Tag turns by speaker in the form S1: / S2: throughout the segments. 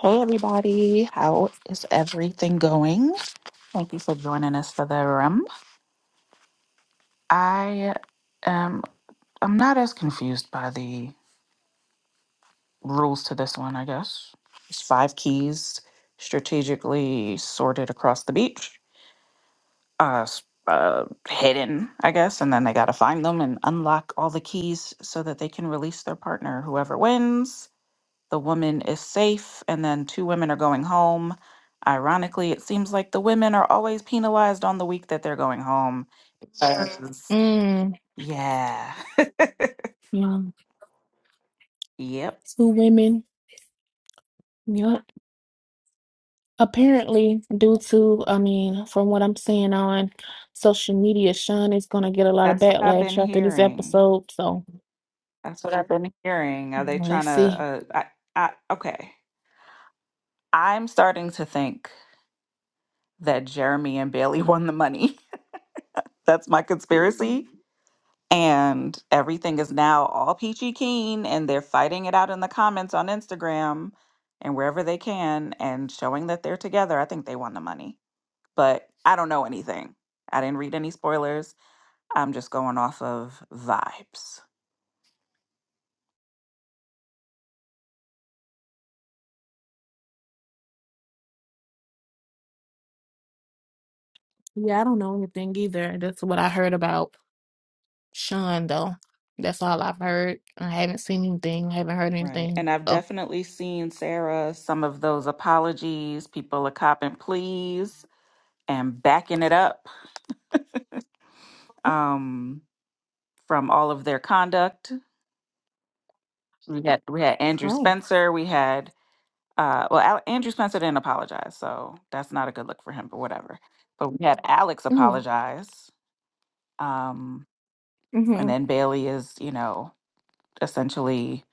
S1: Hey everybody, how is everything going? Thank you for joining us for the room. I am I'm not as confused by the rules to this one, I guess. It's five keys strategically sorted across the beach. Uh, s- uh hidden, I guess, and then they got to find them and unlock all the keys so that they can release their partner whoever wins. The woman is safe, and then two women are going home. Ironically, it seems like the women are always penalized on the week that they're going home. Because,
S2: Mm,
S1: yeah.
S2: yeah,
S1: Yep.
S2: two women. Yeah. Apparently, due to, I mean, from what I'm seeing on social media, Sean is going to get a lot of
S1: That's what I've been
S2: backlash after this
S1: hearing.
S2: episode. So
S1: That's what I've been hearing. Are
S2: mm,
S1: they trying
S2: let's
S1: to?
S2: see.
S1: Uh, I, I, okay. I'm starting to think that Jeremy and Bailey won the money. That's my conspiracy. and everything is now all peachy keen and they're fighting it out in the comments on Instagram and wherever they can and showing that they're together. I think they won the money, but I don't know anything. I didn't read any spoilers. I'm just going off of vibes.
S2: Yeah, I don't know anything either. That's what I heard about Sean, though. That's all I've heard. I haven't seen anything. I haven't heard
S1: Right.
S2: anything.
S1: And I've
S2: Oh.
S1: definitely seen, Sarah, some of those apologies. People are copping pleas and backing it up um, from all of their conduct. We had we had Andrew
S2: Oh.
S1: Spencer. We had uh, well, Al- Andrew Spencer didn't apologize, so that's not a good look for him. But whatever. But we had Alex
S2: Mm.
S1: apologize, um, and
S2: Mm-hmm.
S1: then Bailey is, you know, essentially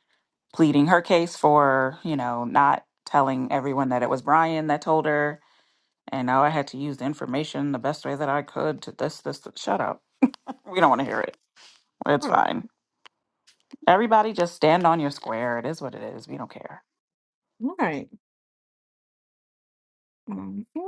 S1: pleading her case for, you know, not telling everyone that it was Brian that told her And now I had to use the information the best way that I could to this, this, th- shut up. We don't want to hear it. It's
S2: All
S1: fine. Everybody just stand on your square. It is what it is. We don't care.
S2: right. Um, yeah.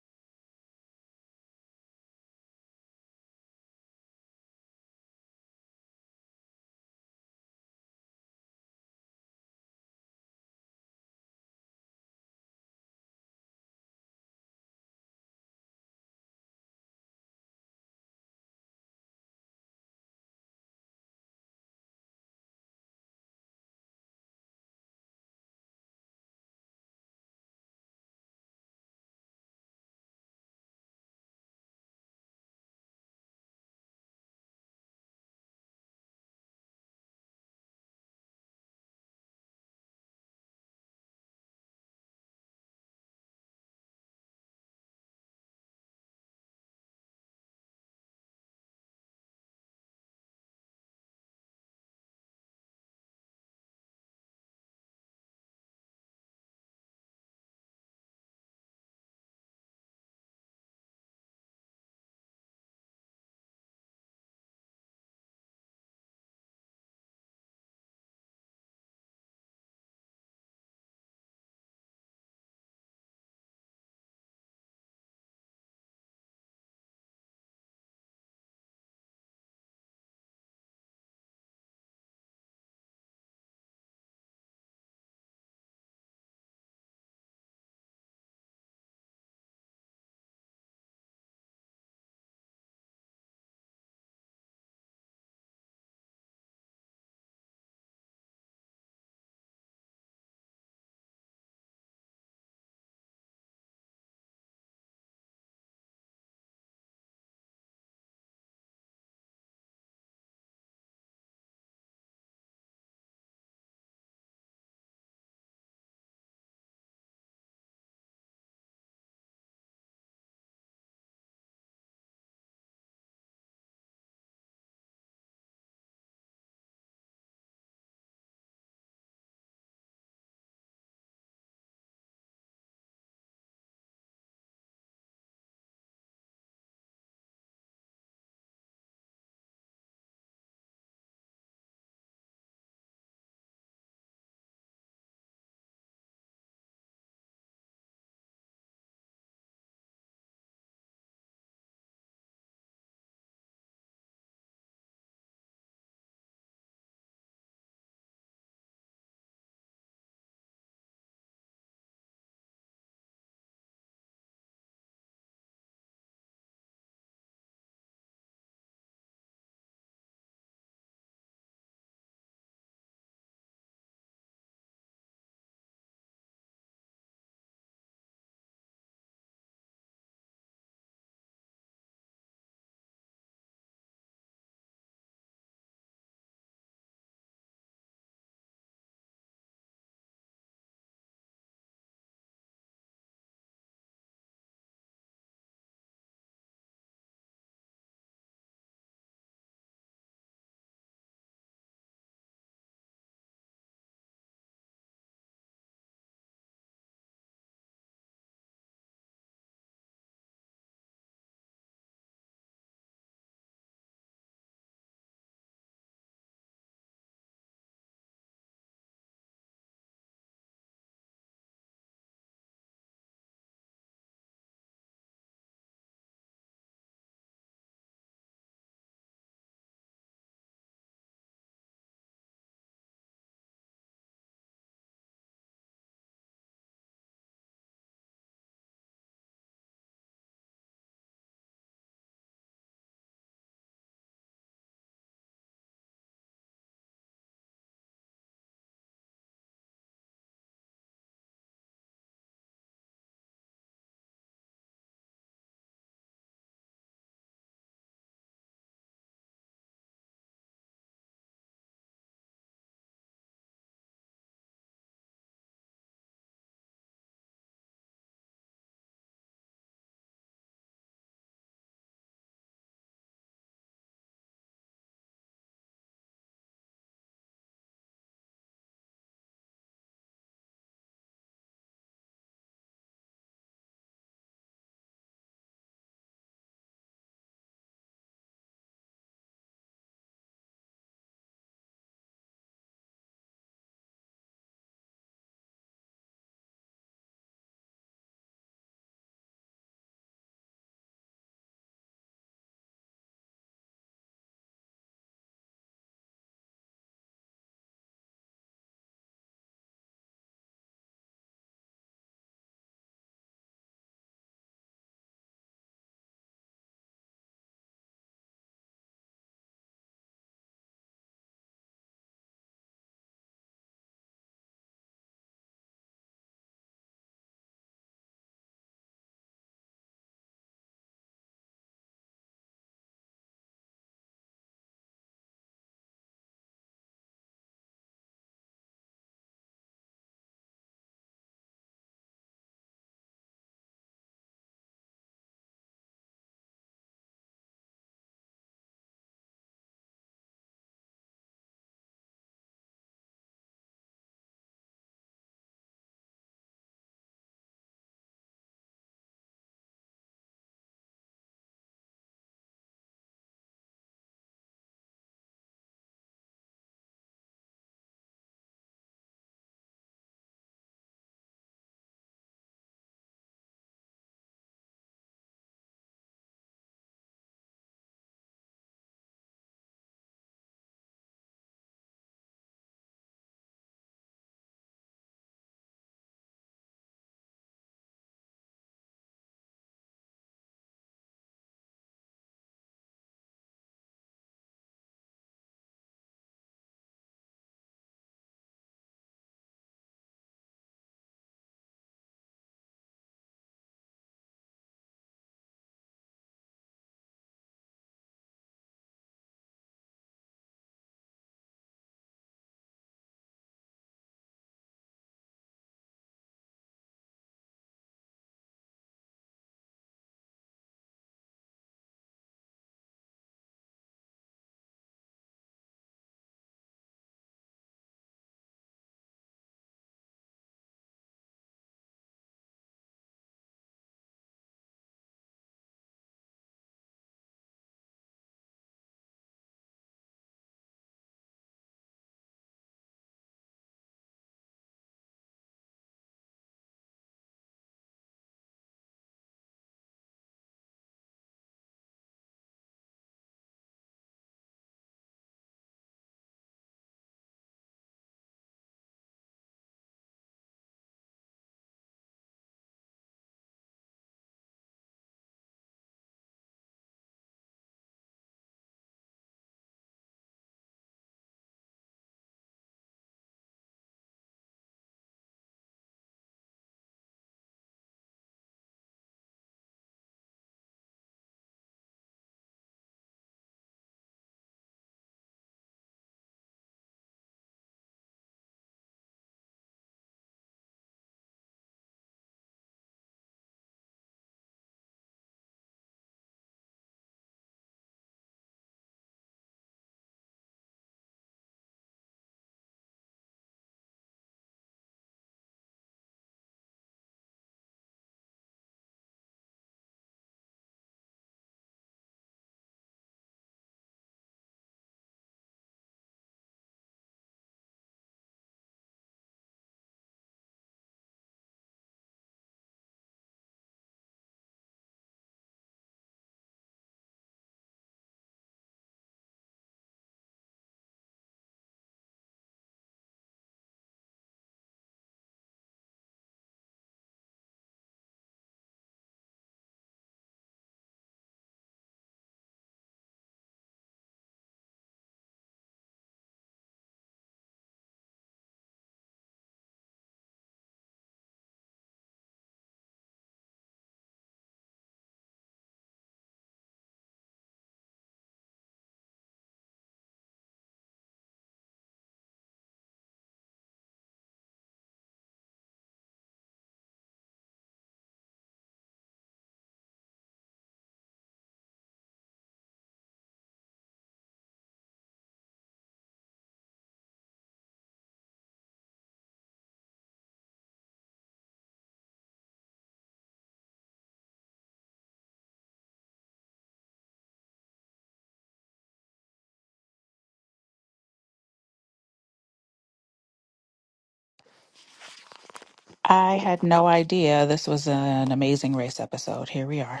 S1: I had no idea this was an amazing race episode. Here we are.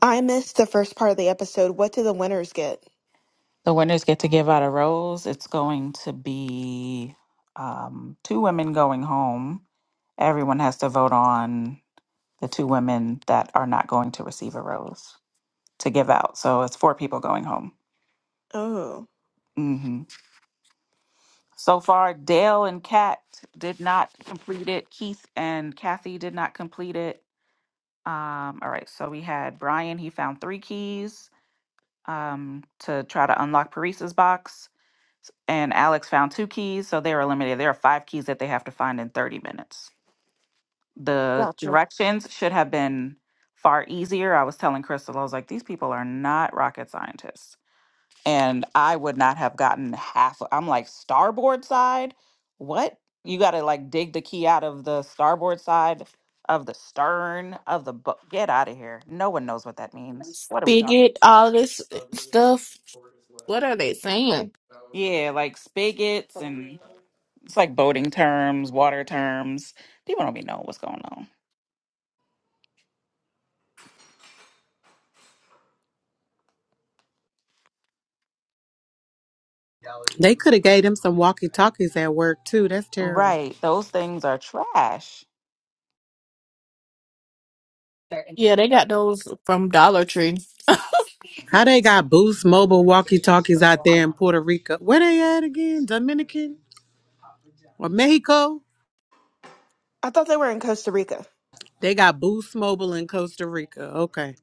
S3: I missed the first part of the episode. What do the winners get?
S1: The winners get to give out a rose. It's going to be um, two women going home. Everyone has to vote on the two women that are not going to receive a rose to give out. So it's four people going home.
S3: Oh,
S1: Mm-hmm. So far, Dale and Kat did not complete it. Keith and Kathy did not complete it. Um, all right, so we had Brian, he found three keys um, to try to unlock Paris's box, s- and Alex found two keys, so they were eliminated. There are five keys that they have to find in 30 minutes. The directions should have been far easier. I was telling Crystal, I was like, these people are not rocket scientists and I would not have gotten half. of- I'm like starboard side. What? You got to like dig the key out of the starboard side of the stern of the boat. Get out of here. No one knows what that means. What are we talking
S2: Spigot,
S1: about?
S2: all this stuff. What are they saying?
S1: Yeah, like spigots and it's like boating terms, water terms. People don't be knowing what's going on.
S4: They could have gave them some walkie talkies at work too. That's terrible.
S1: Right. Those things are trash.
S2: Yeah, they got those from Dollar Tree.
S4: How they got Boost Mobile walkie talkies out there in Puerto Rico? Where they at again? Dominican or Mexico?
S3: I thought they were in Costa Rica.
S4: They got Boost Mobile in Costa Rica. Okay,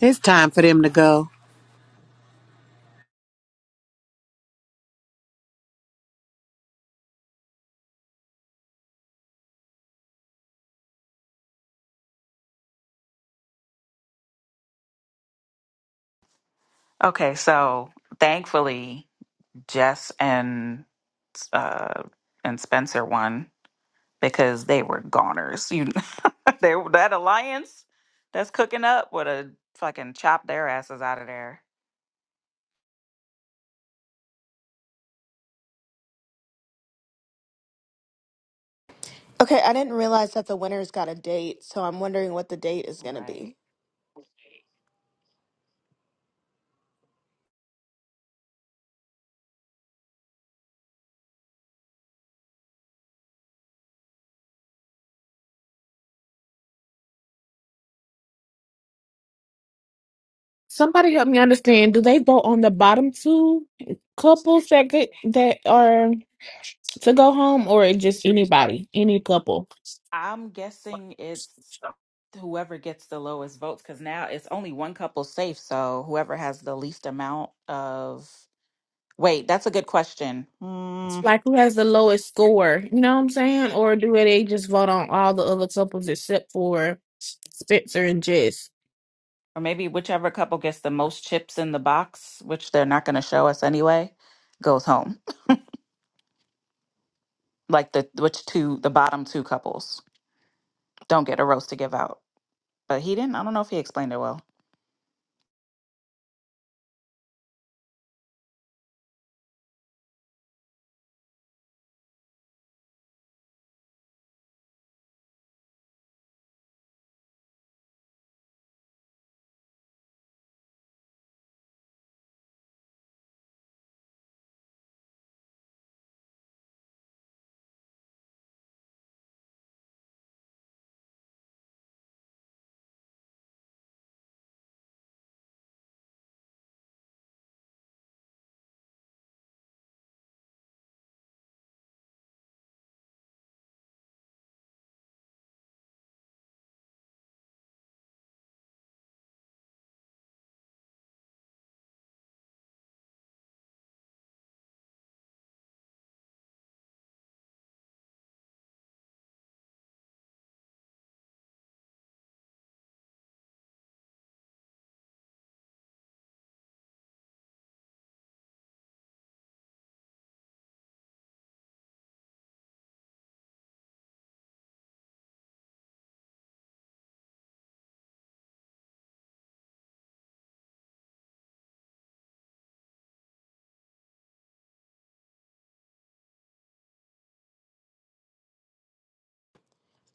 S4: it's time for them to go.
S1: Okay, so thankfully Jess and uh and Spencer won because they were goners. You they that alliance that's cooking up would have fucking chopped their asses out of there.
S3: Okay, I didn't realize that the winners got a date, so I'm wondering what the date is going to
S1: Right.
S3: be.
S2: Somebody help me understand. Do they vote on the bottom two couples that get, that are to go home, or just anybody, any couple?
S1: I'm guessing it's whoever gets the lowest votes because now it's only one couple safe. So whoever has the least amount of. Wait, that's a good question. Hmm.
S2: Like who has the lowest score? You know what I'm saying? Or do they just vote on all the other couples except for Spencer and Jess?
S1: Or maybe whichever couple gets the most chips in the box, which they're not going to show us anyway, goes home. Like the which two, the bottom two couples don't get a roast to give out. But he didn't. I don't know if he explained it well.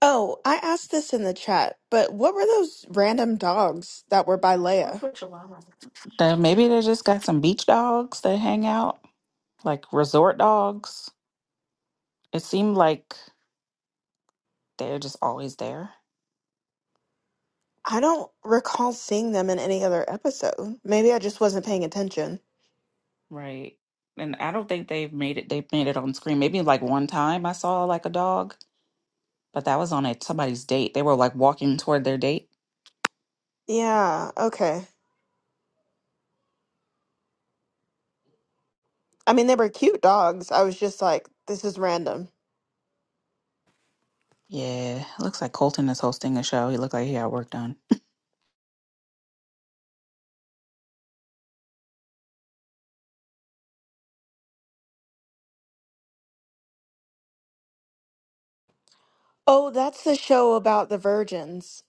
S3: Oh, I asked this in the chat, but what were those random dogs that were by Leia?
S1: What's with Chihuahua? Then maybe they just got some beach dogs that hang out, like resort dogs. It seemed like they're just always there,
S3: I don't recall seeing them in any other episode. Maybe I just wasn't paying attention.
S1: right? And I don't think they've made it. They've made it on screen. Maybe like one time I saw like a dog, but that was on a somebody's date. They were like walking toward their date.
S3: Yeah, okay. I mean, they were cute dogs. I was just like, this is random.
S1: Yeah, it looks like Colton is hosting a show. He looked like he had work done.
S3: Oh, that's the show about the virgins.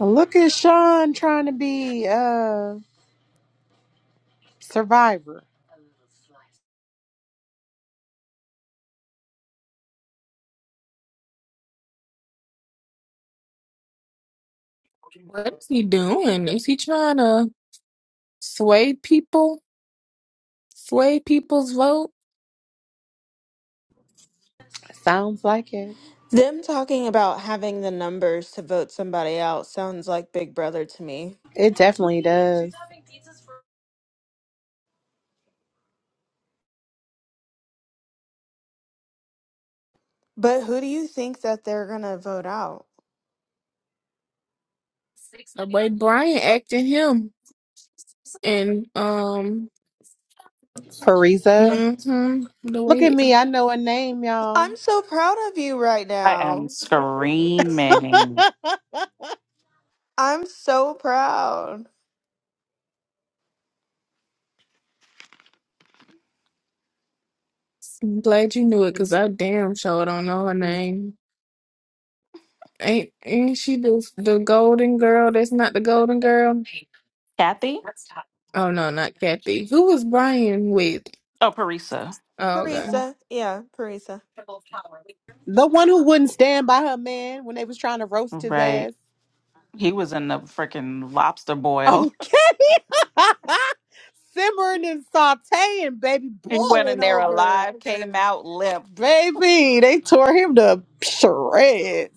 S4: Look at Sean trying to be uh survivor.
S2: What is he doing? Is he trying to sway people? Sway people's vote?
S4: Sounds like it.
S3: Them talking about having the numbers to vote somebody out sounds like Big Brother to me.
S4: It definitely does.
S3: But who do you think that they're going to vote out?
S2: The way Brian acting him and um
S4: Parisa.
S2: hmm the
S4: Look at
S2: way
S4: me. I know her name, y'all.
S3: I'm so proud of you right
S1: I am
S3: now.
S1: screaming.
S3: I'm so proud.
S2: I'm glad you knew it because I damn sure don't know her name. Ain't ain't she the the golden girl that's not the golden girl?
S1: Kathy?
S2: Oh no, not Kathy. Who was Brian with?
S1: Oh, Parisa.
S2: Oh okay.
S3: Parisa, yeah, Parisa.
S4: the one who wouldn't stand by her man when they was trying to roast his
S1: Right.
S4: ass.
S1: He was in the freaking lobster boil.
S4: Okay. Simmering and sauteing, baby,
S1: He went in
S4: boiling
S1: there
S4: over.
S1: alive, came out limp.
S4: Baby, they tore him to shreds.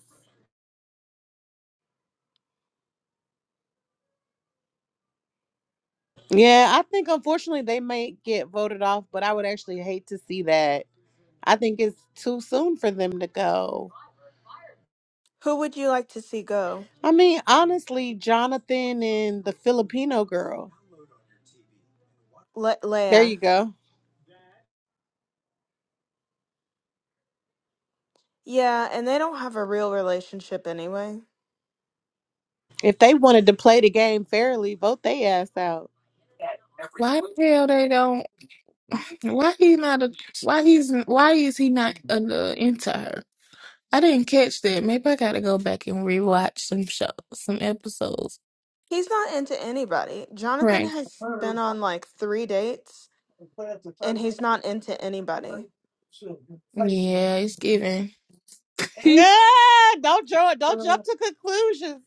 S4: Yeah, I think unfortunately they might get voted off, but I would actually hate to see that. I think it's too soon for them to go.
S3: Who would you like to see go?
S4: I mean, honestly, Jonathan and the Filipino girl.
S3: Le-
S4: There
S3: Leia.
S4: you go.
S3: Yeah, and they don't have a real relationship anyway.
S4: If they wanted to play the game fairly, vote they ass out.
S2: Why the hell they don't why he not a why he's why is he not uh, into her? I didn't catch that. Maybe I gotta go back and rewatch some show some episodes.
S3: He's not into anybody. Jonathan
S2: Right.
S3: has been on like three dates and he's not into anybody.
S2: Yeah, it's given.
S4: Yeah, don't jump, don't jump to conclusions.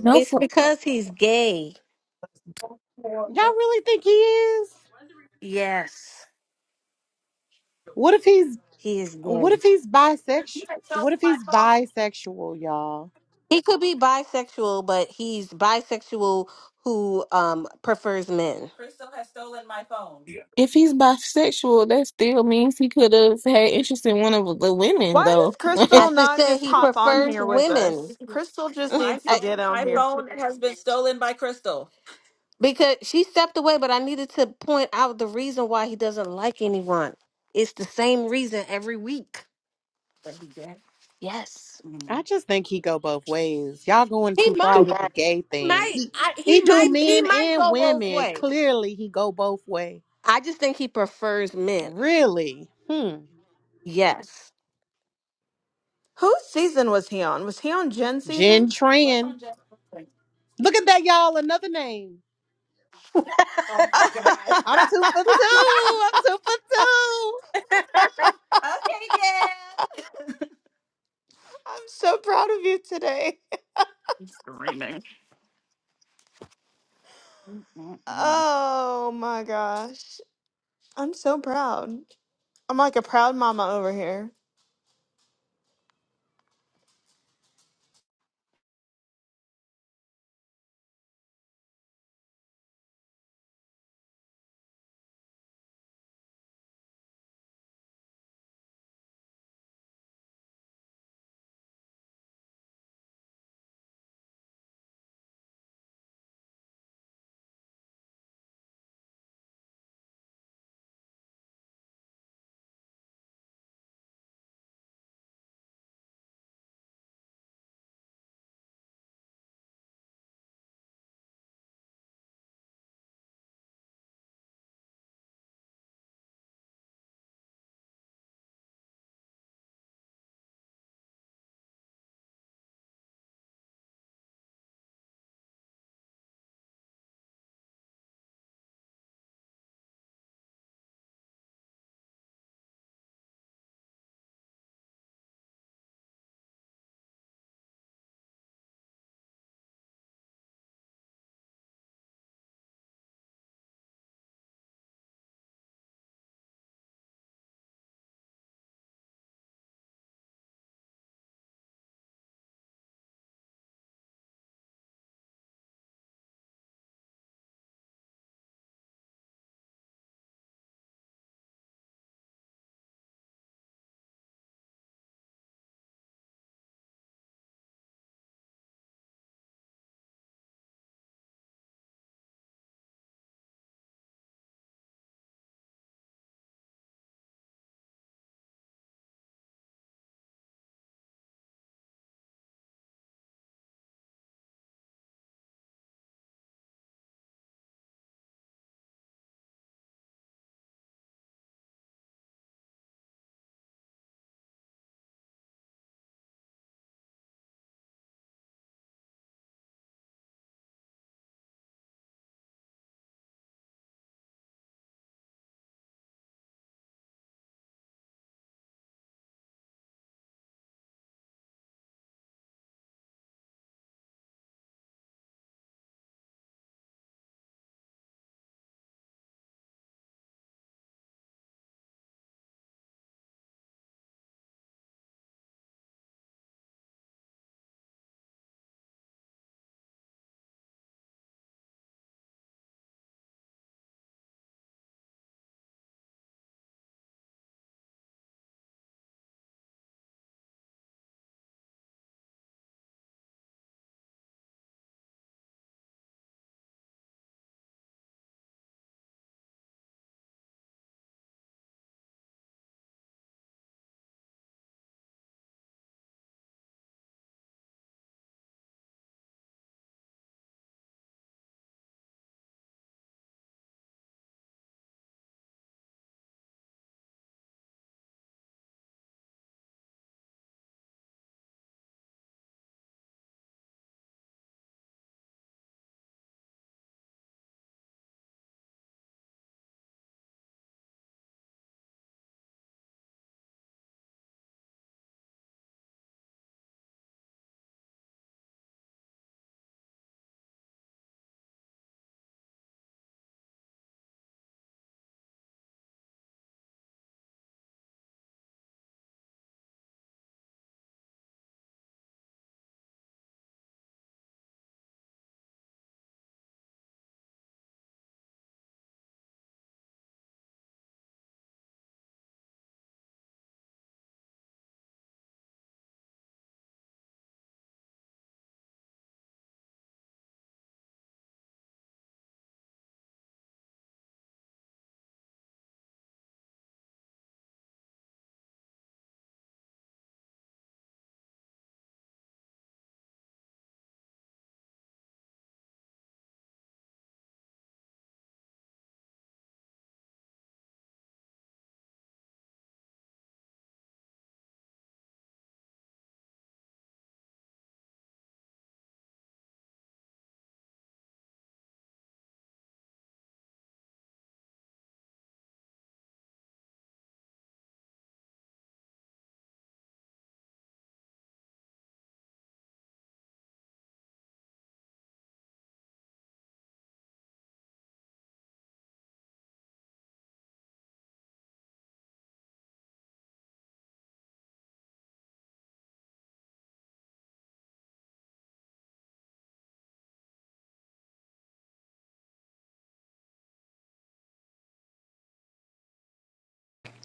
S2: No,
S1: It's
S2: for,
S1: because he's gay.
S4: Y'all really think he is?
S1: Yes.
S4: What if he's
S1: He is gay.
S4: what if he's bisexual? What if he's bisexual, y'all?
S1: He could be bisexual, but he's bisexual who um prefers men.
S2: if he's bisexual, that still means he could have had interest in one of the women,
S3: Why does
S2: though. yeah,
S1: I
S3: Crystal
S1: just
S3: not
S1: said
S3: just
S1: he
S3: hop on
S1: prefers
S3: here with
S1: women.
S3: us? Crystal just
S1: I
S3: needs to get on here.
S1: Because she stepped away, but I needed to point out the reason why he doesn't like anyone. It's the same reason every week. But he did. Yes. Mhm.
S4: I just think he go both ways. Y'all going
S1: He
S4: too far with
S1: might.
S4: the gay
S1: He
S4: thing.
S1: might.
S4: He
S1: I,
S4: he
S1: he
S4: do
S1: might. He
S4: men
S1: might
S4: and
S1: go both
S4: women.
S1: ways.
S4: Clearly he go both way.
S1: I just think he prefers men.
S4: Really? Hmm.
S1: Yes.
S3: Whose season was he on? Was he on Jen's season?
S4: Jen
S1: He was
S4: Tran.
S1: on? Jeff. Brooklyn.
S4: Look at that, y'all. Another name.
S1: Oh my
S4: I'm
S3: I'm
S4: two
S1: god!
S4: for two. I'm two for two.
S1: Okay, girl.
S3: so proud of you today.
S1: I'm Screaming. Mm-mm-mm.
S3: Oh my gosh. I'm so proud. I'm like a proud mama over here.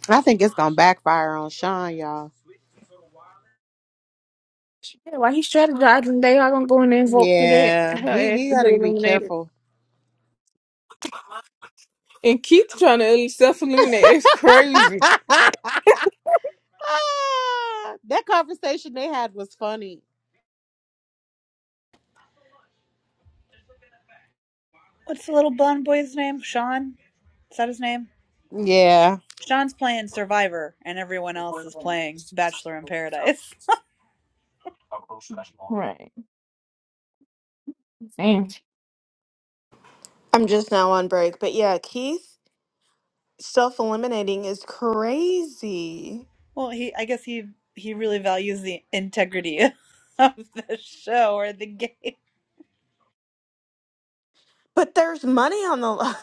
S4: I think it's gonna backfire on Sean, y'all.
S2: why he strategizing? They are gonna go in there and vote for that.
S4: Yeah.
S2: Her
S4: He
S2: ass
S4: he
S2: to get
S4: gotta be
S2: eliminated.
S4: careful.
S2: And Keith trying to self eliminate. It's crazy.
S4: Ah, that conversation they had was funny.
S5: What's the little blonde boy's name? Sean? Is that his name?
S4: Yeah.
S5: Sean's playing Survivor, and everyone else is playing Bachelor in Paradise.
S2: Right. Damn.
S3: I'm just now on break. But yeah, Keith self eliminating is crazy.
S5: Well, he, I guess he he really values the integrity of the show or the game.
S3: But there's money on the line.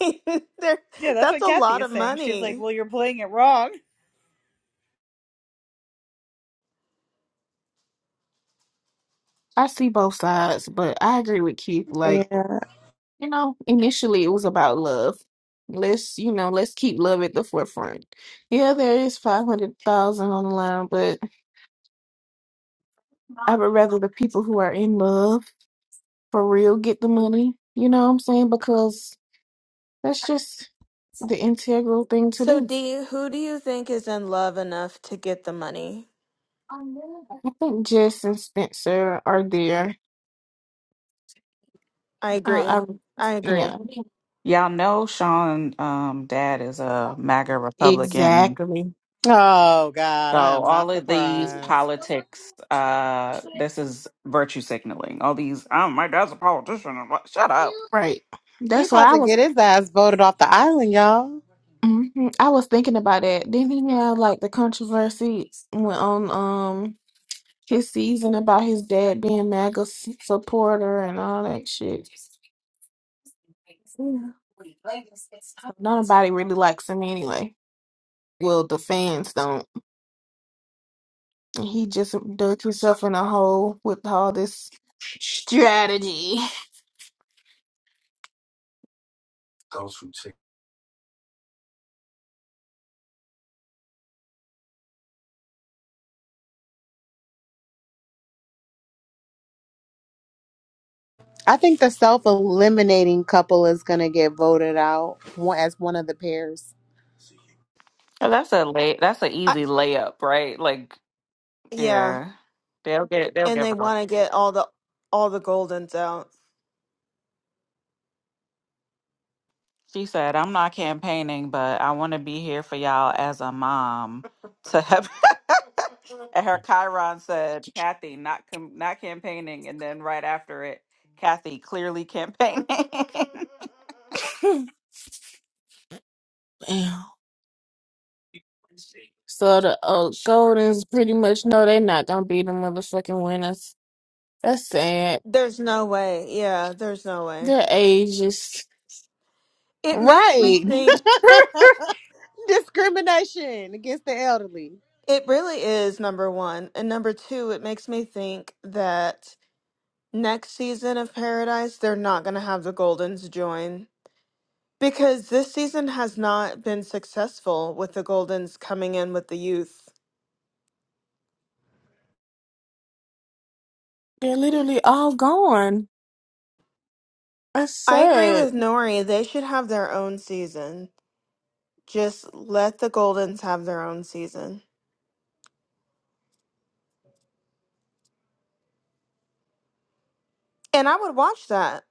S3: there,
S5: Yeah, that's
S3: that's
S5: what
S3: a
S5: Kathy
S3: lot of
S5: is saying. She's like,
S3: money.
S5: "Well, you're playing it wrong."
S2: I see both sides, but I agree with Keith. Like,
S4: Yeah.
S2: you know, initially it was about love. Let's, you know, let's keep love at the forefront. Yeah, there is 500,000 on the line, but I would rather the people who are in love for real get the money. You know what I'm saying? Because that's just the integral thing to
S3: So,
S2: do.
S3: do you, who do you think is in love enough to get the money?
S2: I think Jess and Spencer are there.
S3: I
S2: Uh,
S3: agree.
S2: I,
S3: I agree.
S2: yeah,
S1: Y'all know Sean um dad is a MAGA Republican
S2: exactly.
S4: Oh God,
S1: So
S4: I am
S1: all
S4: not
S1: of these
S4: surprised.
S1: politics, uh, this is virtue signaling. All these, oh, my dad's a politician. I'm like, Shut up.
S2: Right.
S4: He
S2: That's
S4: about
S2: why I
S4: to
S2: was.
S4: get his ass voted off the island, y'all.
S2: hmm I was thinking about that. Didn't he have like the controversy went on um his season about his dad being MAGA s- supporter and all that shit? Yeah. Nobody really likes him anyway. Well, the fans don't. And He just dug himself in a hole with all this strategy.
S4: I think the self-eliminating couple is gonna get voted out one- as one of the pairs.
S1: Oh, That's a lay. That's an
S3: I,
S1: easy layup, right? Like,
S3: yeah,
S1: yeah, they'll get they'll
S3: and
S1: get
S3: they
S1: voted.
S3: want to get all the all the goldens out.
S1: She said, I'm not campaigning, but I want to be here for y'all as a mom to have. and her Chiron said, Kathy, not com- not campaigning. And then right after it, Kathy clearly campaigning.
S2: Damn. So the uh, Goldens pretty much know they're not gonna be the motherfucking winners. That's sad.
S3: There's no way. Yeah, there's no way.
S2: The age is
S3: It makes me
S4: Right.
S2: they're
S3: think,
S4: Discrimination against the elderly.
S3: it really is number one. And number two, it makes me think that next season of Paradise, they're not going to have the Goldens join because this season has not been successful with the Goldens coming in with the youth.
S2: literally all gone. That's
S3: I agree
S2: sad.
S3: with Nori. They should have their own season. Just let the Goldens have their own season. And I would watch that.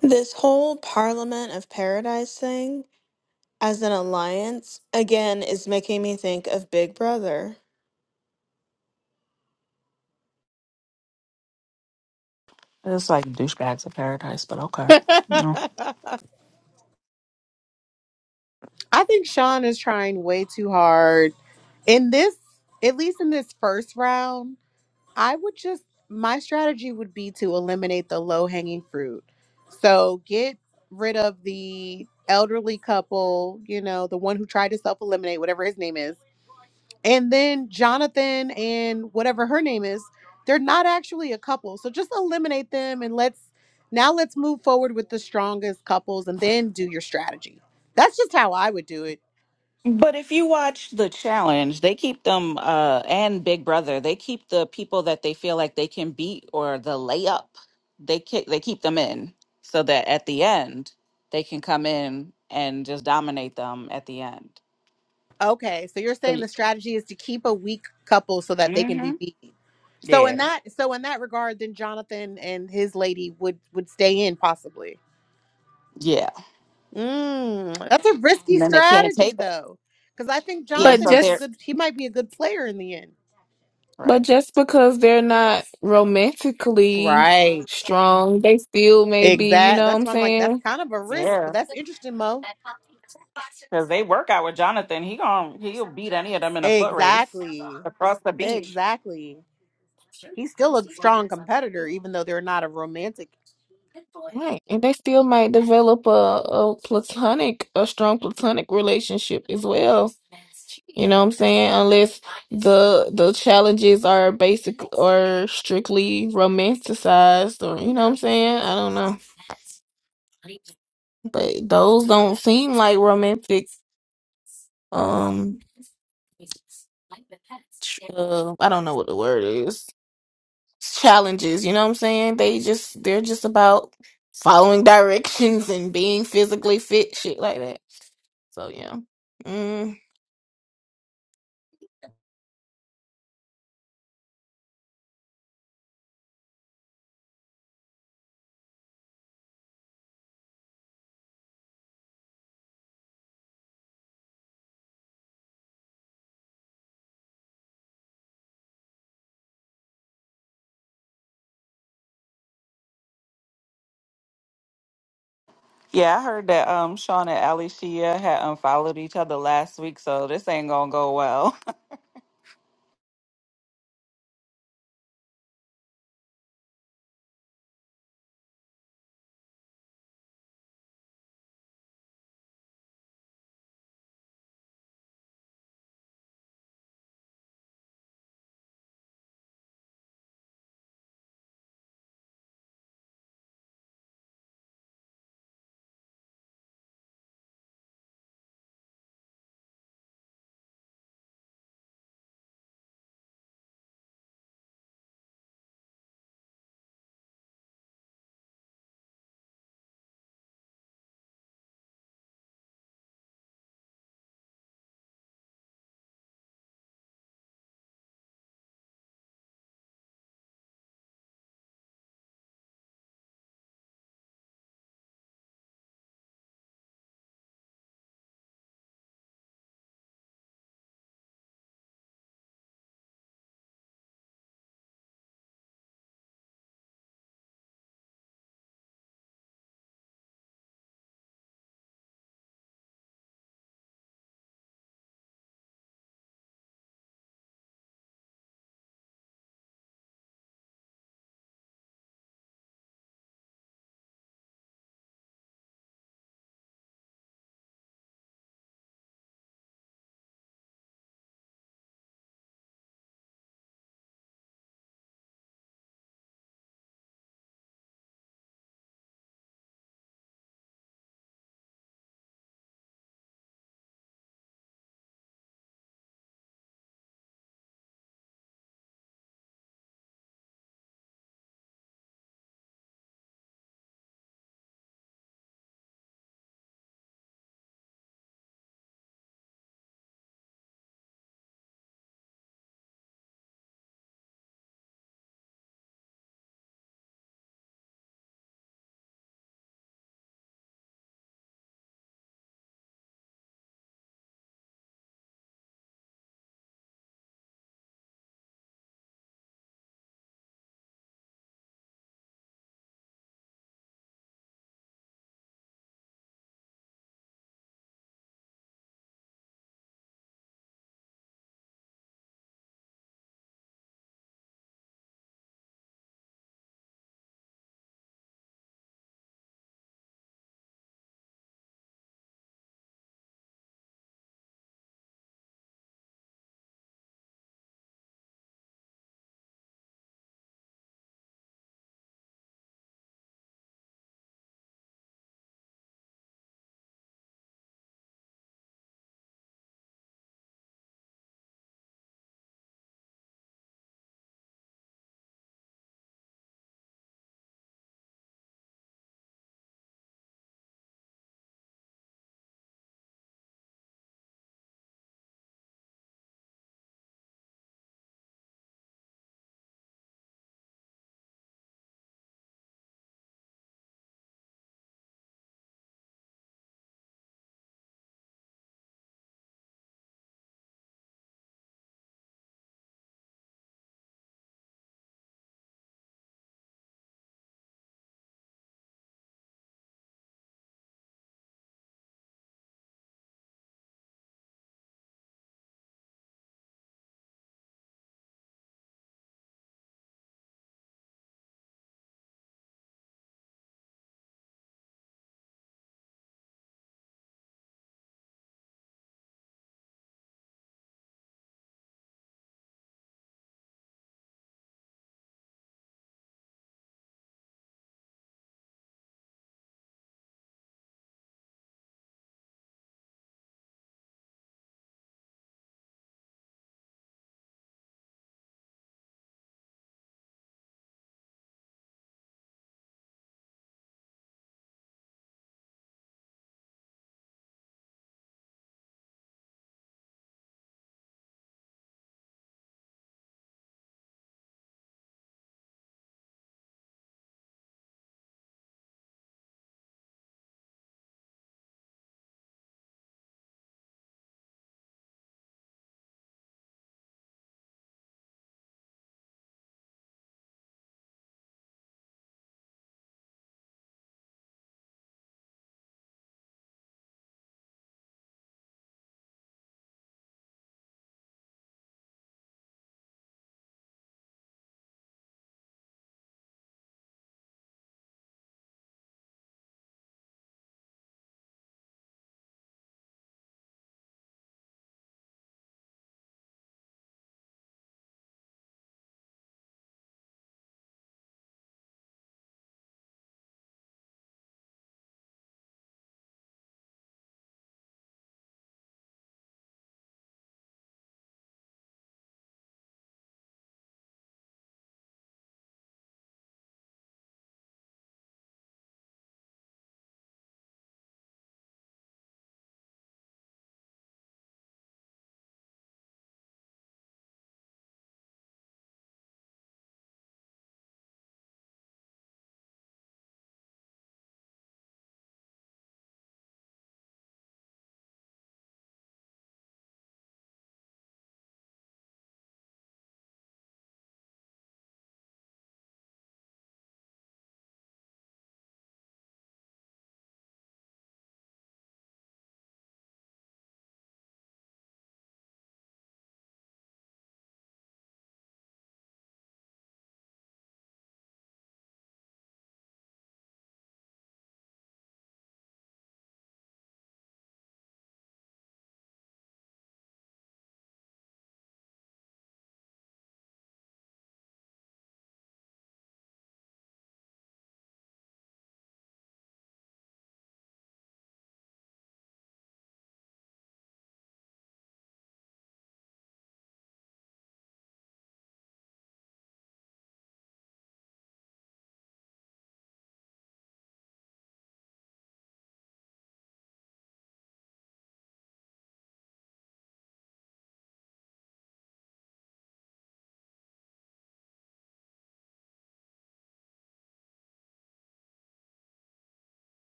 S3: This whole Parliament of Paradise thing as an alliance again is making me think of Big Brother.
S1: it's like douchebags of paradise, but okay.
S4: I think Sean is trying way too hard in this, at least in this first round. I would just my strategy would be to eliminate the low hanging fruit. So get rid of the elderly couple, you know, the one who tried to self eliminate, whatever his name is. And then Jonathan and whatever her name is, they're not actually a couple. So just eliminate them and let's now let's move forward with the strongest couples and then do your strategy. That's just how I would do it
S1: But if you watch the challenge, they keep them uh and Big Brother, they keep the people that they feel like they can beat or the layup. They keep they keep them in so that at the end they can come in and just dominate them at the end.
S4: Okay, so you're saying the strategy is to keep a weak couple so that they can
S1: Mm-hmm.
S4: be beat. So in
S1: Yeah.
S4: that so in that regard, then Jonathan and his lady would would stay in possibly.
S1: Yeah.
S4: Mm, that's a risky
S1: And then they can't
S4: strategy
S1: take it.
S4: though, because I think
S1: Yeah,
S2: But
S1: so
S4: Jonathan is a
S1: they're
S2: just
S4: good. He might be a good player in the end.
S2: but
S1: right.
S2: just because they're not romantically
S4: Right.
S2: strong, they still may be, you
S4: Exact.
S2: know what
S4: That's
S2: I'm
S4: why I'm like that's
S2: saying?
S4: kind of a risk, but
S1: Yeah.
S4: that's interesting, Mo.
S1: Cause they work out with Jonathan. He gon' he'll beat any of them in a foot race
S4: Exactly.
S1: across the beach.
S4: Exactly. He's still a strong competitor, even though they're not a romantic
S2: Right. And they still might develop a, a platonic a strong platonic relationship as well. You know what I'm saying? Unless the the challenges are basic or strictly romanticized or you know what I'm saying? I don't know. But those don't seem like romantic. Um, ch- uh, I don't know what the word is. Challenges. You know what I'm saying? They just they're just about following directions and being physically fit, shit like that. So yeah. Mm.
S1: Yeah, I heard that um Sean and Alicia had unfollowed each other last week, so this ain't gonna go well.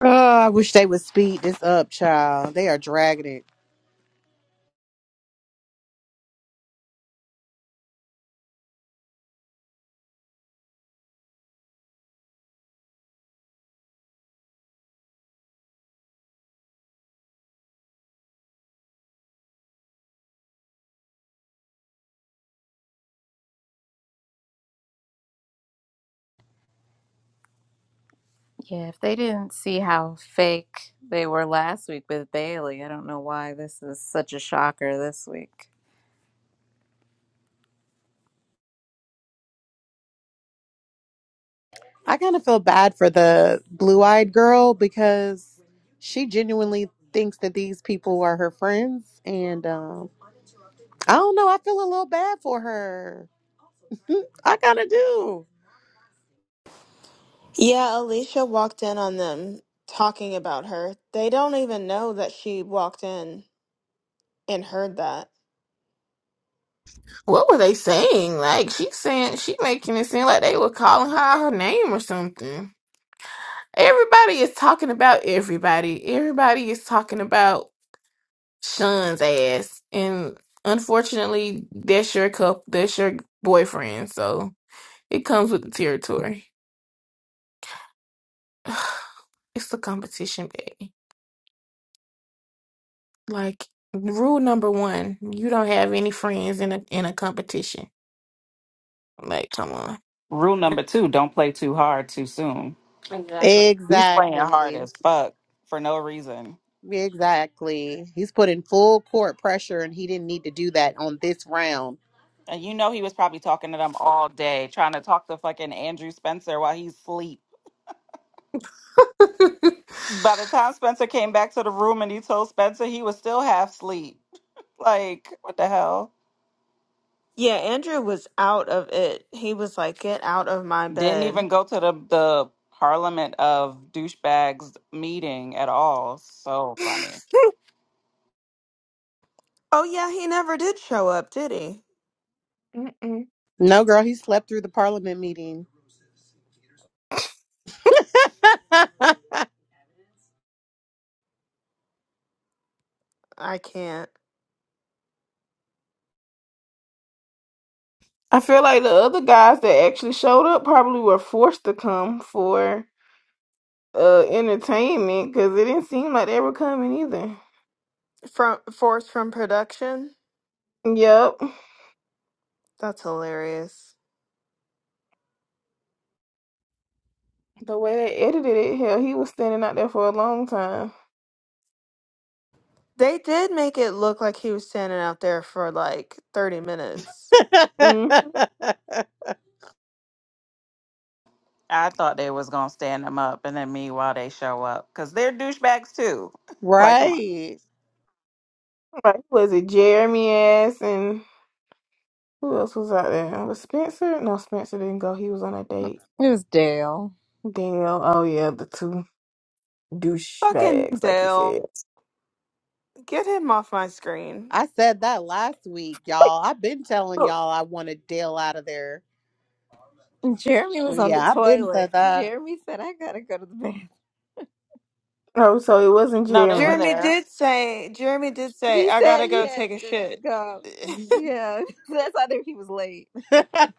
S4: Oh, I wish they would speed this up, child. They are dragging it.
S6: Yeah, if they didn't see how fake they were last week with Bailey, I don't know why this is such a shocker this week.
S4: I kind of feel bad for the blue eyed girl because she genuinely thinks that these people are her friends. And um, I don't know. I feel a little bad for her. I kind of do.
S3: Yeah, Alicia walked in on them talking about her. They don't even know that she walked in and heard that.
S2: What were they saying? Like she saying she making it seem like they were calling her out her name or something. Everybody is talking about everybody. Everybody is talking about Sean's ass. And unfortunately, that's your cup, that's your boyfriend. So it comes with the territory. it's a competition, baby. Like rule number one, you don't have any friends in a in a competition. Like, come on.
S1: Rule number two, don't play too hard too soon. Exactly. He was playing hard
S4: Exactly.
S1: as fuck for no reason.
S4: Exactly. He's putting full court pressure and he didn't need to do that on this round.
S1: And you know he was probably talking to them all day, trying to talk to fucking Andrew Spencer while he's asleep. By the time Spencer came back to the room and he told Spencer he was still half asleep. Like, what the hell?
S3: Yeah, Andrew was out of it. He was like, "Get out of my
S1: Didn't even
S3: bed."
S1: go to the the Parliament of douchebags meeting at all. So funny.
S3: Oh yeah, he never did show up, did he?
S2: Mm-mm.
S4: No, girl, he slept through the parliament meeting.
S3: I can't.
S2: I feel like the other guys that actually showed up probably were forced to come for uh entertainment because it didn't seem like they were coming either.
S3: From force from production.
S2: Yep.
S3: That's hilarious.
S2: The way they edited it, hell, he was standing out there for a long time.
S3: They did make it look like he was standing out there for like 30 minutes.
S2: hmm
S1: I thought they was gonna stand them up, and then meanwhile they show up because they're douchebags too. Like, come on.
S4: Right.
S2: Like, was it Jeremy ass and who else was out there? Was Spencer? No, Spencer didn't go. He was on a date.
S6: It was Dale.
S2: Daniel. Oh yeah, the two
S3: Fucking
S2: douchebags, like you
S3: Dale.
S2: said.
S3: Get him off my screen.
S4: I said that last week,
S2: Like,
S4: y'all. I've been telling
S2: look.
S4: y'all I want to deal out of there.
S6: Jeremy was on the
S4: Yeah, I've been
S6: toilet.
S4: said that.
S6: Jeremy said, I gotta go to the bathroom.
S2: Oh, so it wasn't
S1: No, they were
S2: Jeremy.
S3: Jeremy
S1: there.
S3: did say, Jeremy did say,
S6: He
S3: I
S6: said
S3: gotta
S6: he
S3: go
S6: had
S3: take a
S6: to
S3: shit.
S6: go.
S1: He
S6: Yeah, that's how I knew he was late.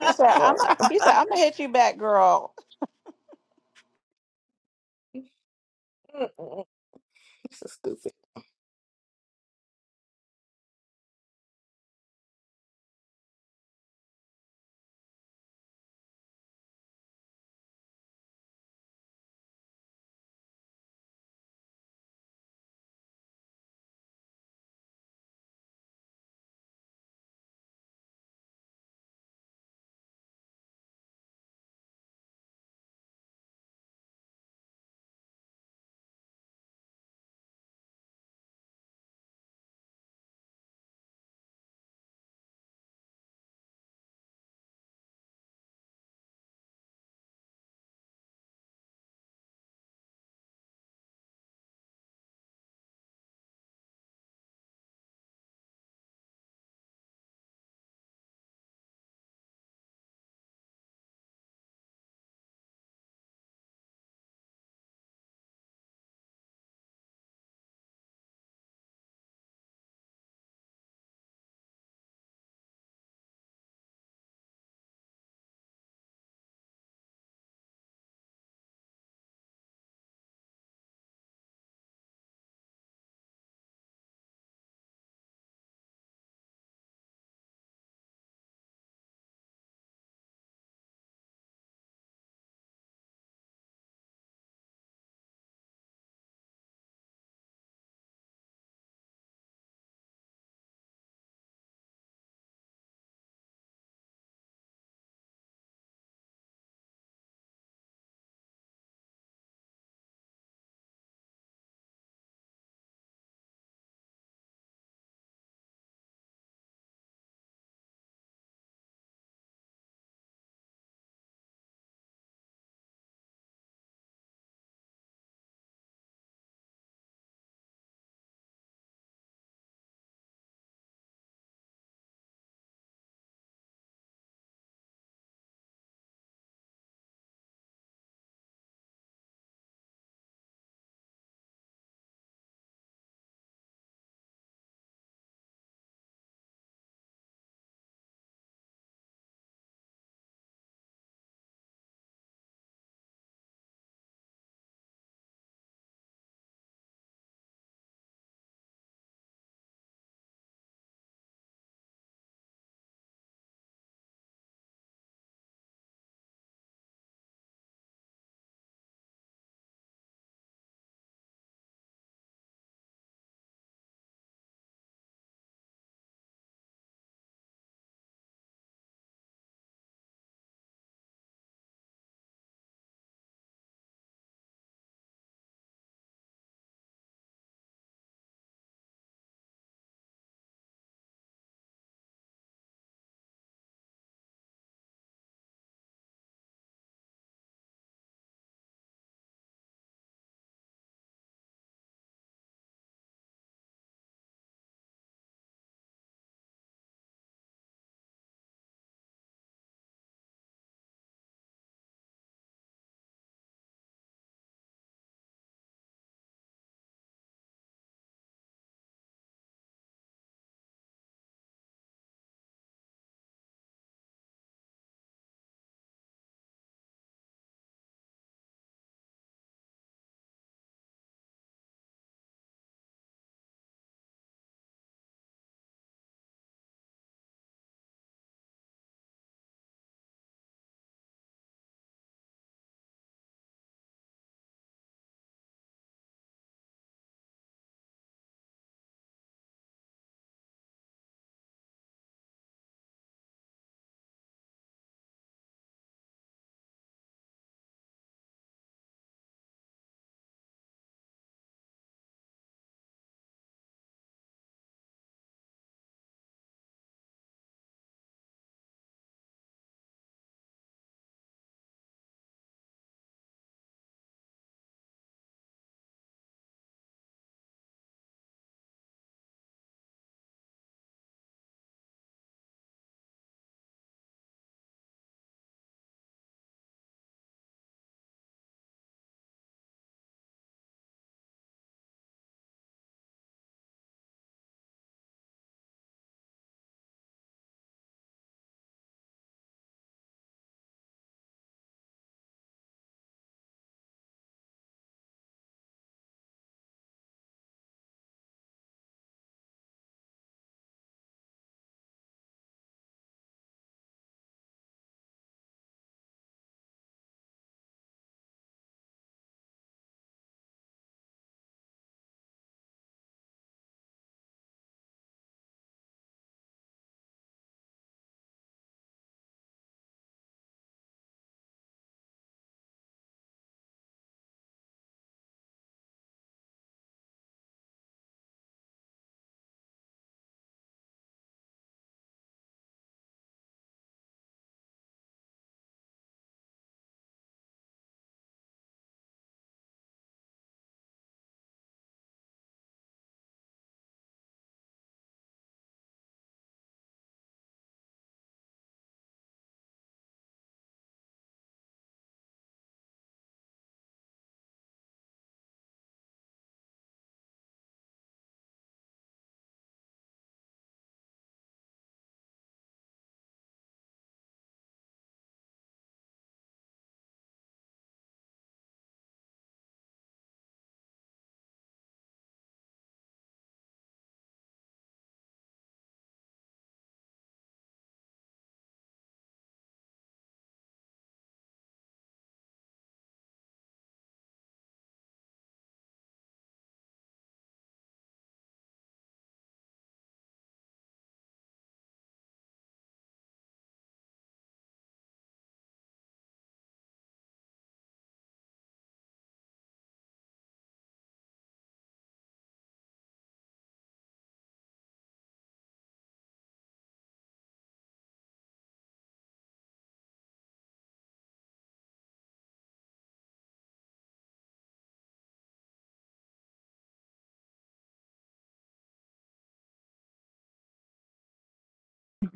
S1: said, "I'm." A,
S2: Oh,
S1: he said, "I'm gonna hit you back, girl."
S2: mm-mm. this is stupid.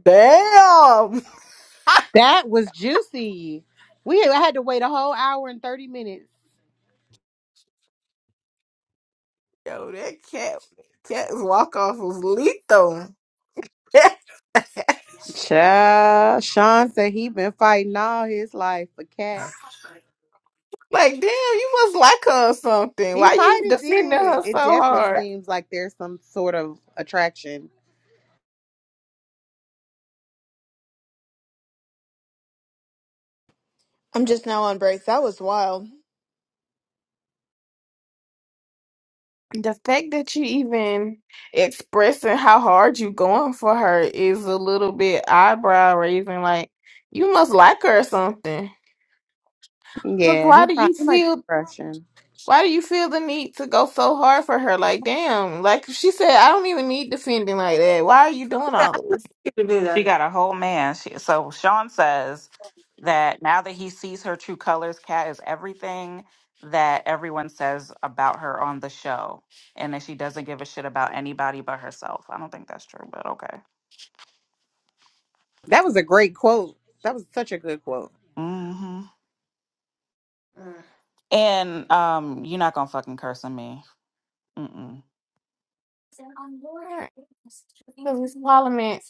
S2: Damn.
S4: that was juicy. We had I had to wait a whole hour and 30 minutes.
S2: Yo, that cat, cat's walk off was lethal.
S4: Child, Sean said he been fighting all his life for cat.
S2: like, damn, you must like her or something.
S4: He
S2: Why
S4: might
S2: you
S4: have
S2: defending
S4: did.
S2: her
S4: It
S2: so
S4: definitely
S2: hard?
S4: seems like there's some sort of attraction.
S3: I'm just now on break. That was wild.
S2: The fact that you even expressing how hard you going for her is a little bit eyebrow raising. Like, you must like her or something. Cause
S4: Yeah,
S2: why
S4: he
S2: do you
S4: probably he might be
S2: feel?
S4: Russian.
S2: Why do you feel the need to go so hard for her? Like, damn, like she said, I don't even need defending like that. Why are you doing all this?
S1: You can do She that. got a whole man. She, so Sean says that now that he sees her true colors, Kat is everything that everyone says about her on the show, and that she doesn't give a shit about anybody but herself. I don't think that's true, but okay.
S4: That was a great quote. That was such a good quote.
S1: hmm Mm. And um, you're not gonna fucking curse on me. Mm-mm.
S2: Because his parliament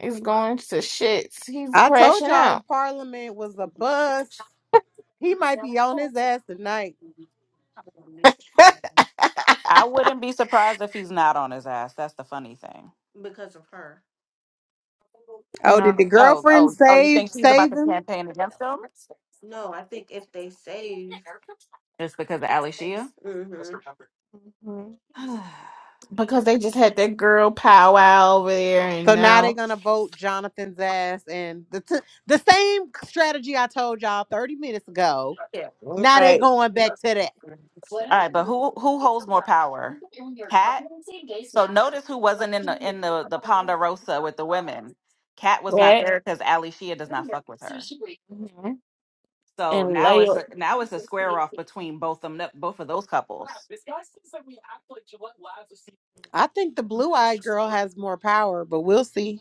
S2: is going to shits. He's
S4: I
S2: crashing
S4: told y'all the
S2: out.
S4: parliament was a bust. He might be on his ass tonight.
S1: I wouldn't be surprised if he's not on his ass. That's the funny thing. Because of her.
S4: Oh,
S2: No.
S4: did the
S1: No,
S4: girlfriend
S1: oh, oh, you
S4: save
S1: think she's about
S4: save
S1: to
S4: him?
S1: campaign against him? No, I think if they save, Just because of Ali Alicia? hmm
S2: Mhm.
S1: All
S2: Because they just had that girl powwow over there and
S4: So now they're
S2: now
S4: gonna vote Jonathan's ass, and the t- the same strategy I told y'all thirty minutes ago.
S1: yeah,
S2: right,
S4: Now
S1: I
S4: they're
S1: don't think.
S4: going back to that.
S1: it's right, but who who holds more power? Cat? So notice who wasn't in the in the, the Ponderosa with the women. Cat was not
S2: that
S1: there because Ali Shia does not fuck with her.
S2: Mhm.
S1: So
S2: and
S1: now it's
S2: Layla.
S1: a now it's a square off between both them both of those couples.
S4: I think the blue eyed girl has more power, but we'll see.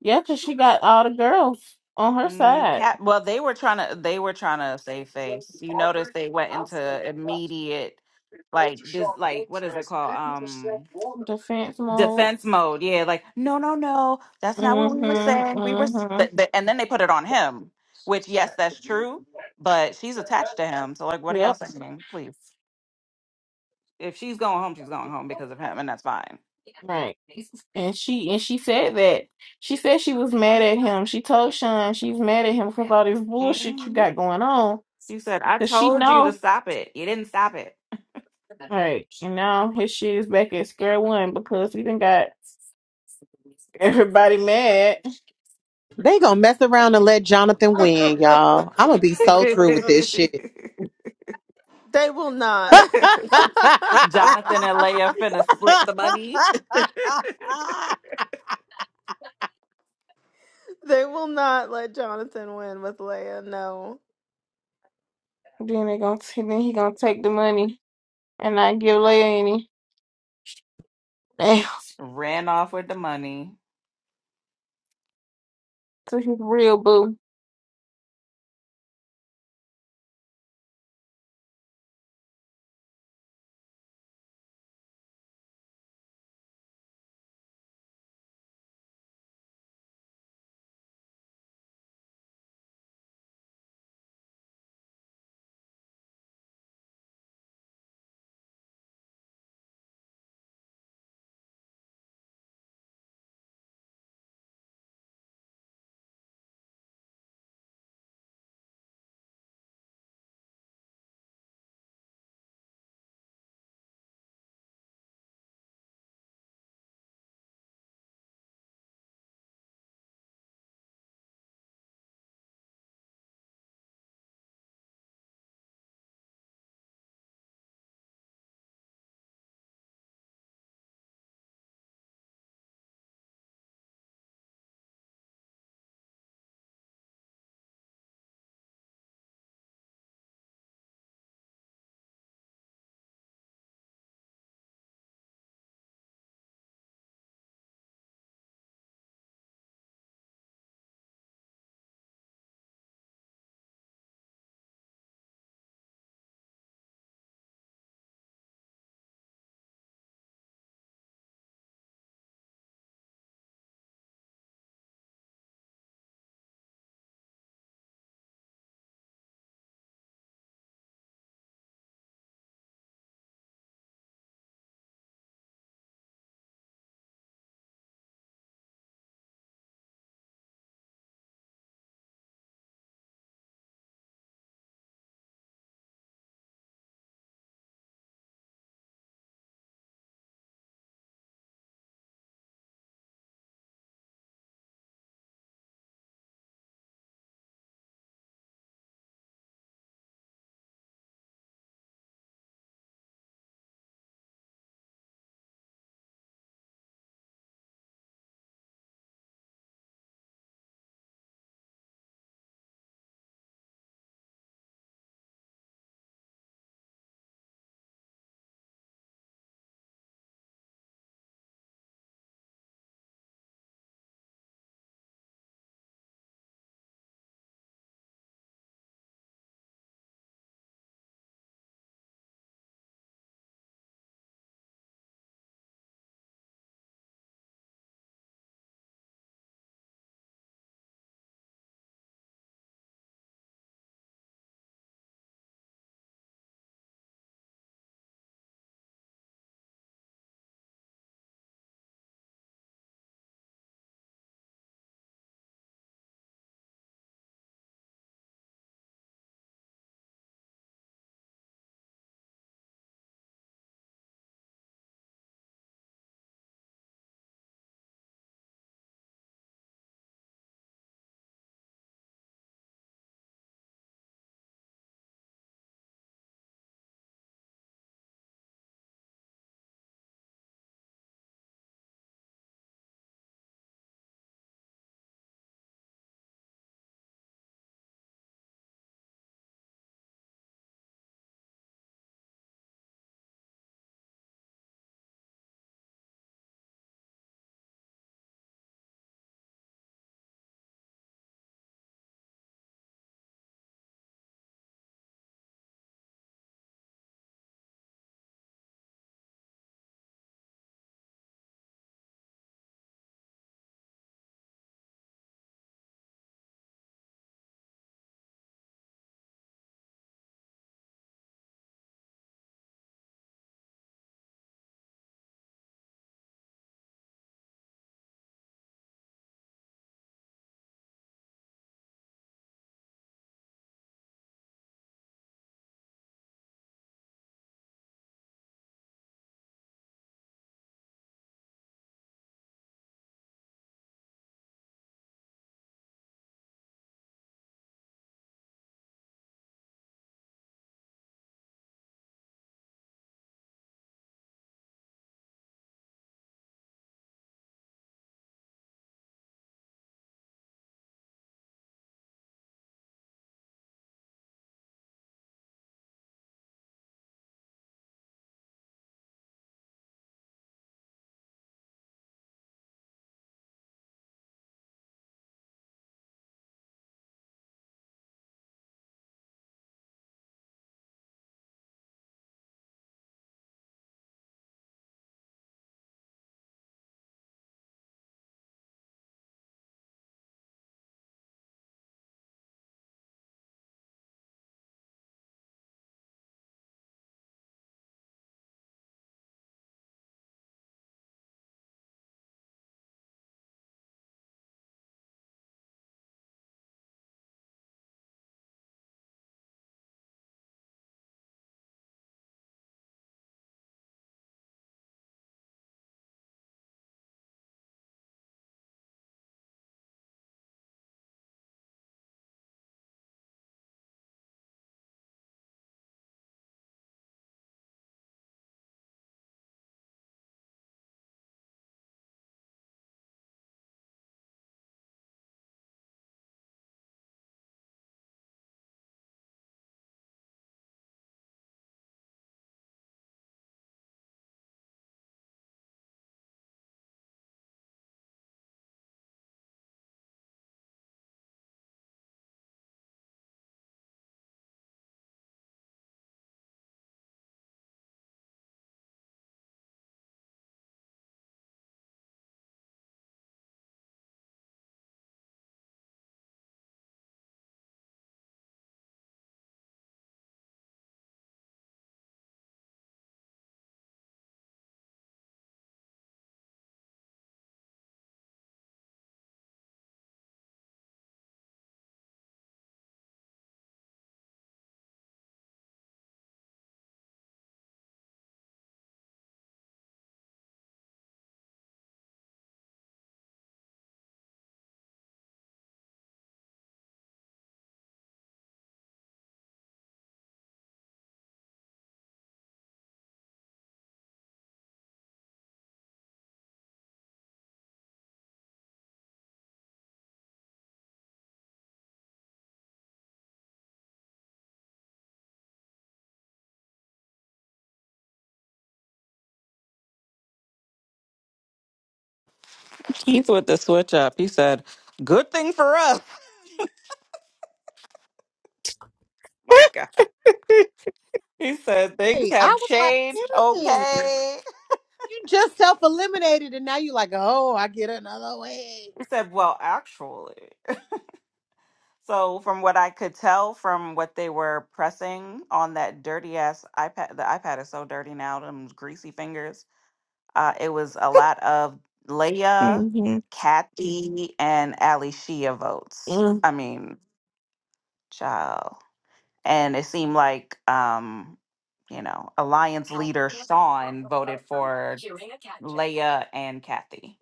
S2: Yeah, because she got all the girls on her
S1: Mm,
S2: side.
S1: cat. Well, they were trying to. They were trying to save face. You notice they went into immediate, like this, like what is it called? Um,
S2: Defense mode.
S1: defense mode. Yeah, like no, no, no. That's not what we were
S2: Mm-hmm.
S1: saying. We were, s-
S2: Mm-hmm.
S1: but, but, and then they put it on him. Which, yes, that's true. But she's attached to him. So, like, what are y'all
S2: Yep.
S1: saying? Please, if she's going home, she's going home because of him, and that's fine.
S2: Right. And she and she said that she said she was mad at him. She told Sean she's mad at him because all this bullshit you
S1: Mhm.
S2: got going on.
S1: You said, "I
S2: Cause she
S1: told you to
S2: know,
S1: stop it. You didn't stop it."
S2: Right, And now his shit is back at square one because he done got everybody mad.
S4: They gonna mess around and let Jonathan win, y'all. I'm gonna be so through with this shit.
S3: They will not.
S1: Jonathan and Leia finna split the money.
S3: they will not let Jonathan win with Leia. No.
S2: Then they gonna t- then he gonna take the money and not give Leia any. Damn,
S1: Ran off with the money.
S2: to his real boo.
S1: Keith with the switch up. He said, Good thing for us. My God. He said, Things
S4: Hey,
S1: have
S4: I was like,
S1: changed.
S4: dang,
S1: Okay.
S4: you just self eliminated, and now you're like, oh, I get another wig.
S1: He said, Well, actually. So, from what I could tell from what they were pressing on that dirty ass iPad, the iPad is so dirty now, them greasy fingers. Uh, it was a lot of Leia,
S2: hmm mm
S1: Kathy, and Ali Shia votes.
S2: mm.
S1: I mean, child. and it seemed like um you know alliance leader sean voted for leia and kathy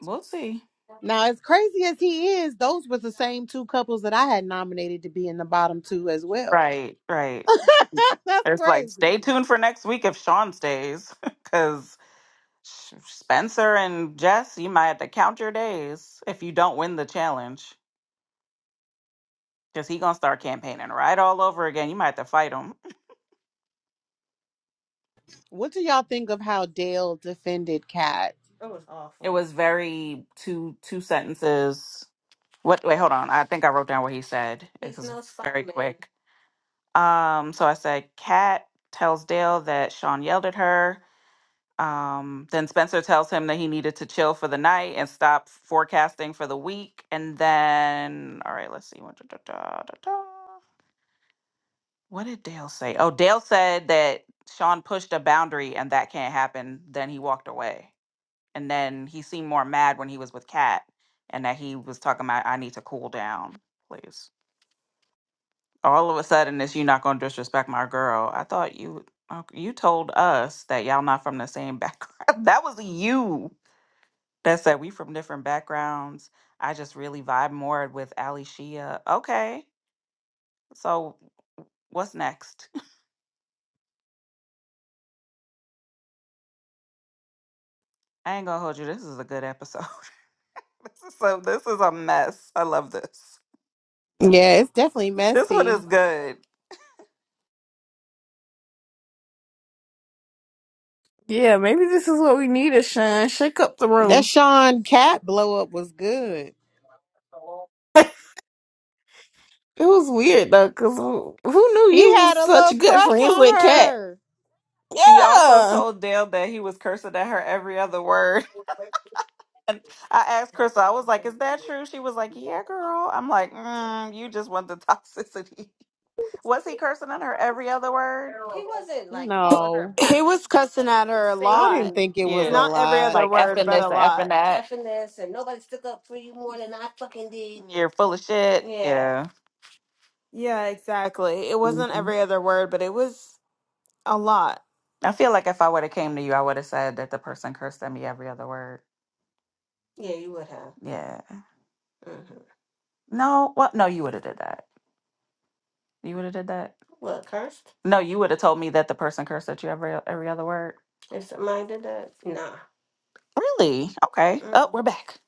S1: we'll see
S4: Now, as crazy as he is, those were the same two couples that I had nominated to be in the bottom two as well.
S1: right right
S4: That's
S1: it's like
S4: crazy.
S1: stay tuned for next week if sean stays because spencer and jess you might have to count your days if you don't win the challenge because he gonna start campaigning right all over again you might have to fight him
S4: What do y'all think of how Dale defended Kat?
S1: It was awful. it was very two two sentences what wait hold on i think i wrote down what he said it He's was no very Simon. quick Um, so I said, Kat tells Dale that Sean yelled at her. Um, then Spencer tells him that he needed to chill for the night and stop forecasting for the week. And then, all right, let's see. What da- da- da- da- da. What did Dale say? Oh, Dale said that Sean pushed a boundary and that can't happen. Then he walked away. And then he seemed more mad when he was with Kat and that he was talking about, I need to cool down, please. all of a sudden it's you not gonna disrespect my girl. I thought you uh, you told us that y'all not from the same background. that was you that said we from different backgrounds. I just really vibe more with Ali Shia. Okay, so what's next? I ain't gonna hold you. This is a good episode. this is so this is a mess. I love this.
S4: Yeah, it's definitely
S1: This one
S4: messy.
S1: is good.
S2: Yeah, maybe this is what we needed, Sean. Shake up the
S4: That
S2: room.
S4: Sean Cat blow up was good.
S2: It was weird though, cause who who knew
S4: He
S2: you was
S4: had a
S2: such
S4: little
S2: good
S4: crush
S2: friends
S4: on
S2: with Kat?
S4: her.
S1: She also
S2: Yeah.
S1: told Dale that he was cursing at her every other word. And I asked Crystal, I was like, "Is that true?" She was like, "Yeah, girl." I'm like, mm, "You just want the toxicity." Was he cursing on her every other word? He wasn't like calling her
S4: No,
S1: a bitch.
S3: He was cussing at
S1: He was
S3: her a
S4: I didn't
S3: lot.
S1: saying
S4: think it was
S1: Yeah,
S4: a
S1: curse
S3: Not
S1: words.
S3: every
S4: lot.
S3: other
S1: like
S3: word,
S1: effing
S3: but
S1: this
S3: a
S1: and effing
S3: lot.
S1: that. Effing this and nobody stuck up for you more than I fucking did. You're full of shit. Yeah.
S3: Yeah, exactly. It
S1: Yeah.
S3: wasn't
S1: hmm
S3: every other word, but it was a lot.
S1: I feel like if I would have came to you, I would have said that the person cursed at me every other word. Yeah, you would have. Yeah. hmm No. well, No, you would have did that. You would have did that. What, cursed? No, you would have told me that the person cursed at you every every other word. If somebody did that? Nah. Really? Okay. Oh, Mm. we're back.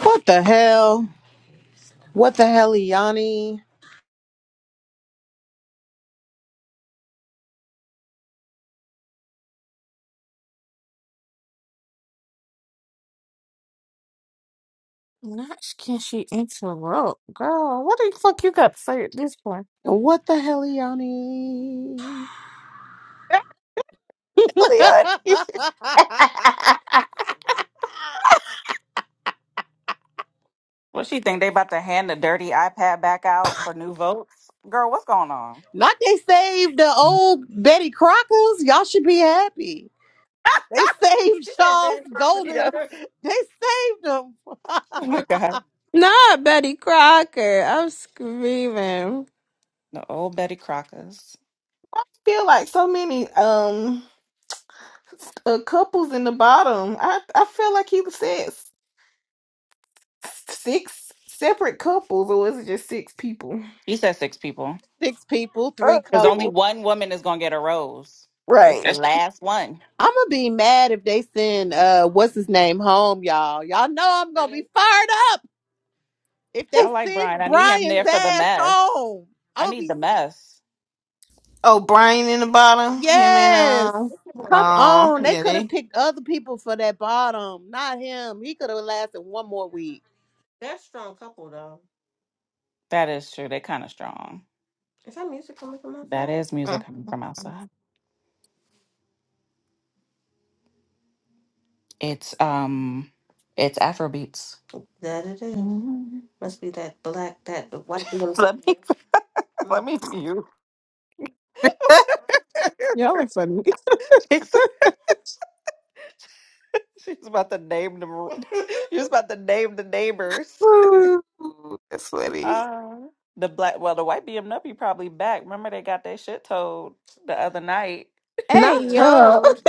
S4: What the hell? What the hell, Yanni?
S2: Not sh- can she interrupt, girl? What the fuck you got to say at this point?
S4: What the hell, Yanni?
S2: Really, honey?
S1: What she think they about to hand the dirty iPad back out for new votes? Girl, what's going on?
S4: Not they saved the old Betty Crockers. Y'all should be happy. They saved
S1: She said Betty
S4: Charles
S1: Crocker Yeah.
S4: Golden.
S1: first.
S4: They saved him.
S1: Oh my God.
S7: Not Betty Crocker. I'm screaming.
S1: The old Betty Crockers.
S2: I feel like so many um uh, couples in the bottom. I I feel like he said s- six separate couples, or was it just six people?
S1: She said six people.
S4: Six people,
S2: Uh,
S4: three
S1: Because only
S4: couples.
S1: one woman is gonna get a rose. It's
S2: right.
S1: the last one.
S4: I'm gonna be mad if they send uh what's his name home, y'all. Y'all know I'm gonna
S1: Brian.
S4: be fired up if
S1: I
S4: they
S1: like Brian.
S4: send
S1: I need him there
S4: Brian's
S1: for the
S4: ass
S1: mess.
S4: home.
S1: I
S4: I'm gonna
S1: need the
S4: be
S1: mess.
S2: Oh, Brian in the bottom. Him and
S4: Yes.
S2: um, uh,
S4: Come
S2: uh,
S4: on. They
S2: yeah,
S4: could have
S2: they.
S4: picked other people for that bottom, not him. He could have lasted one more week.
S1: That's strong couple though. That is true. they kind of strong. Is that music coming from That outside? is
S2: Mm,
S1: music coming from
S2: mm.
S1: outside. It's um, it's Afro beats. That it is. Mhm. Must be that black, that the white music. let me let me mute.
S7: Y'all are funny.
S1: she's, she's about to name the she's about to name the neighbors.
S2: Ooh, That's funny.
S1: Uh, the black well the white BMW probably back. Remember they got their shit told the other night.
S7: Hey
S3: Not
S7: yo.
S3: told.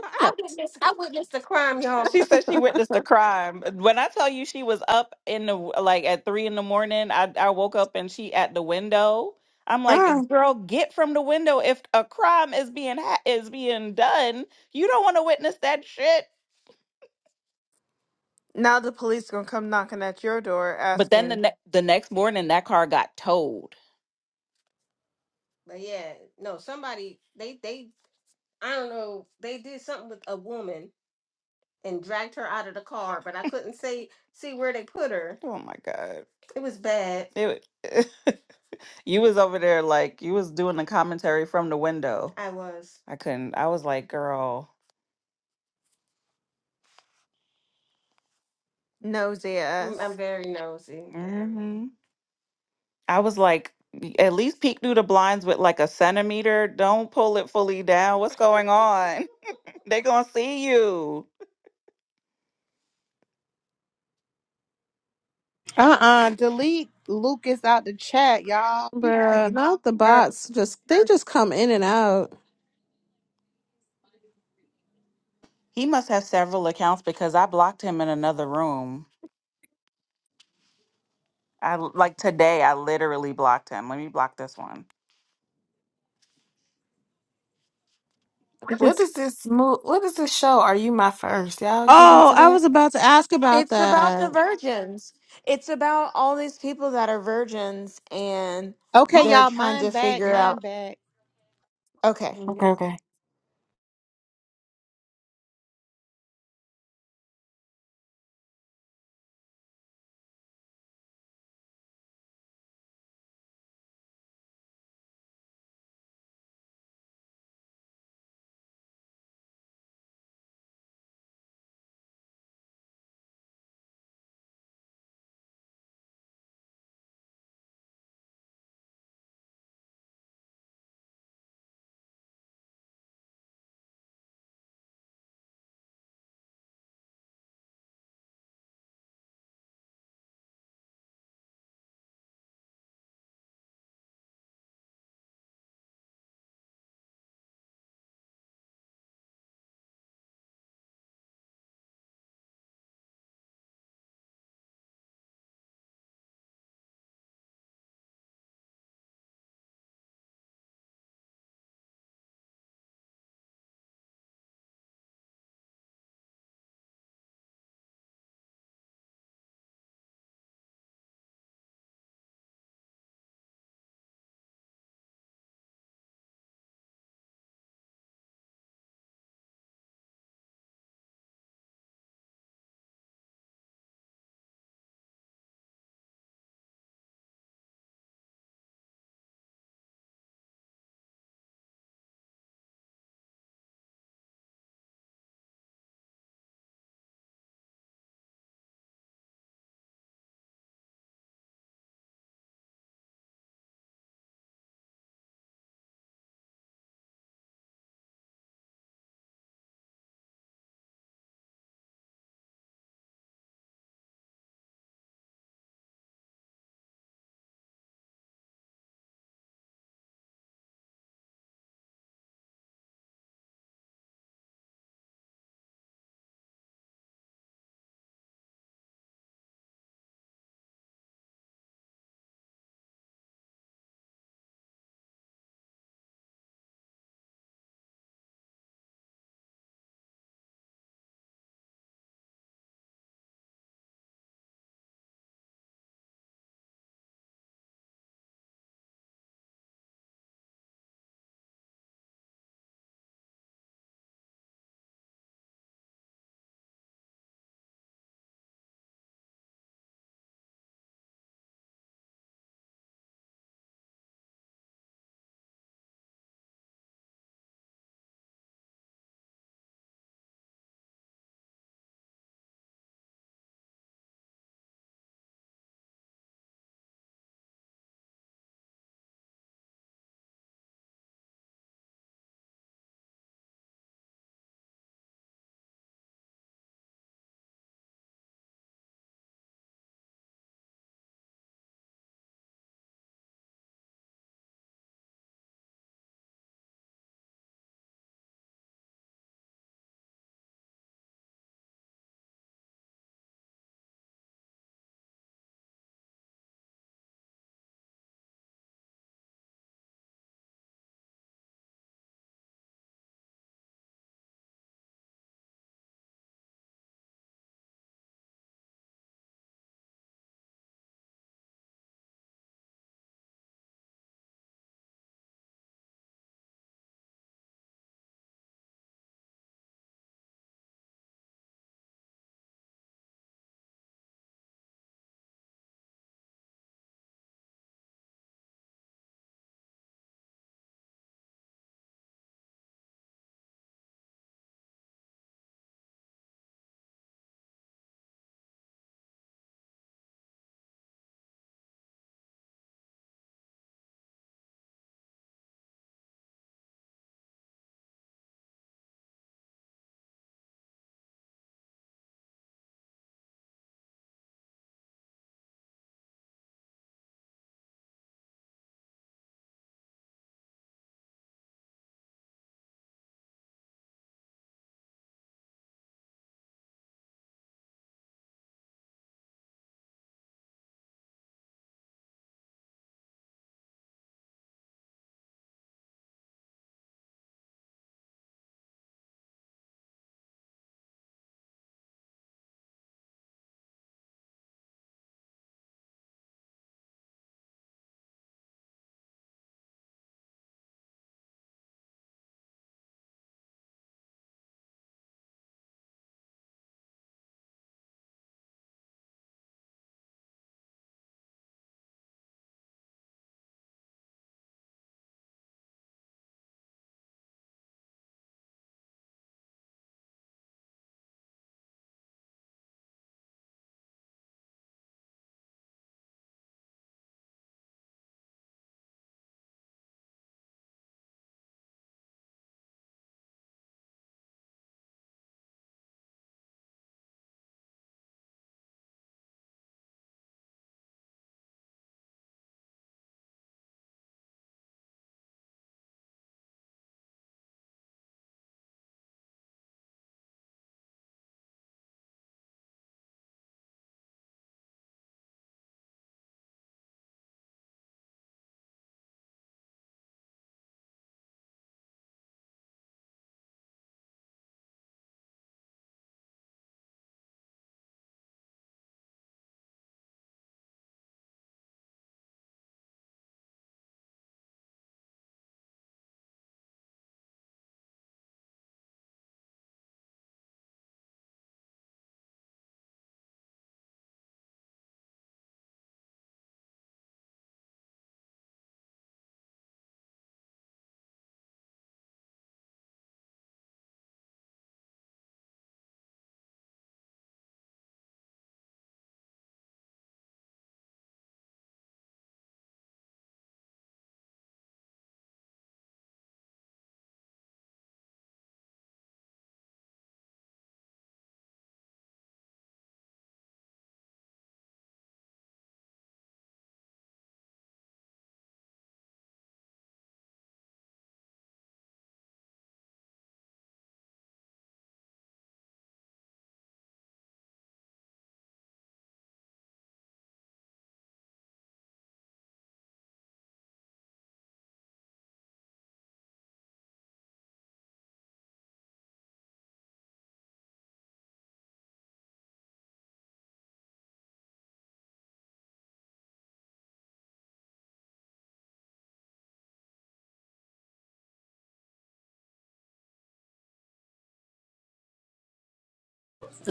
S1: I witnessed. I witnessed the crime, y'all. She said she witnessed the crime. When I tell you she was up in the like at three in the morning, I I woke up and she at the window. I'm like,
S2: Mm.
S1: girl, get from the window. If a crime is being ha- is being done, you don't want to witness that shit.
S3: Now the police gonna come knocking at your door
S1: But then the
S3: asking
S1: ne- the next morning, that car got towed. But yeah, no, somebody they they I don't know they did something with a woman and dragged her out of the car, but I couldn't see see where they put her. Oh my God. It was bad. It, wa- you was over there like you was doing the commentary from the window. I was. I couldn't. I was like, girl.
S3: nosy
S1: I'm, I'm
S3: ass.
S1: very nosy. hmm I was like, "Y- at least peek through the blinds with like a centimeter. Don't pull it fully down. What's going on? they gonna see you.
S4: Uh uh Delete Lucas out the chat, y'all. He
S7: Bruh, not the
S4: deserved-
S7: bots. Just they just come in and out.
S1: He must have several accounts because I blocked him in another room. I l- like today. I literally blocked him. Let me block this one.
S7: They
S2: What
S7: just
S2: is this move? What is this show? Are you my first? Y'all get into
S7: Oh, I
S2: that?
S7: was about to ask about
S3: It's about
S7: that.
S3: the virgins. It's about all these people that are virgins and
S4: Okay,
S3: they're
S2: Mm.
S4: y'all.
S3: trying
S4: Mine
S3: to
S4: back.
S3: figure
S4: Mine
S3: out.
S4: back.
S3: Okay.
S2: Okay, okay.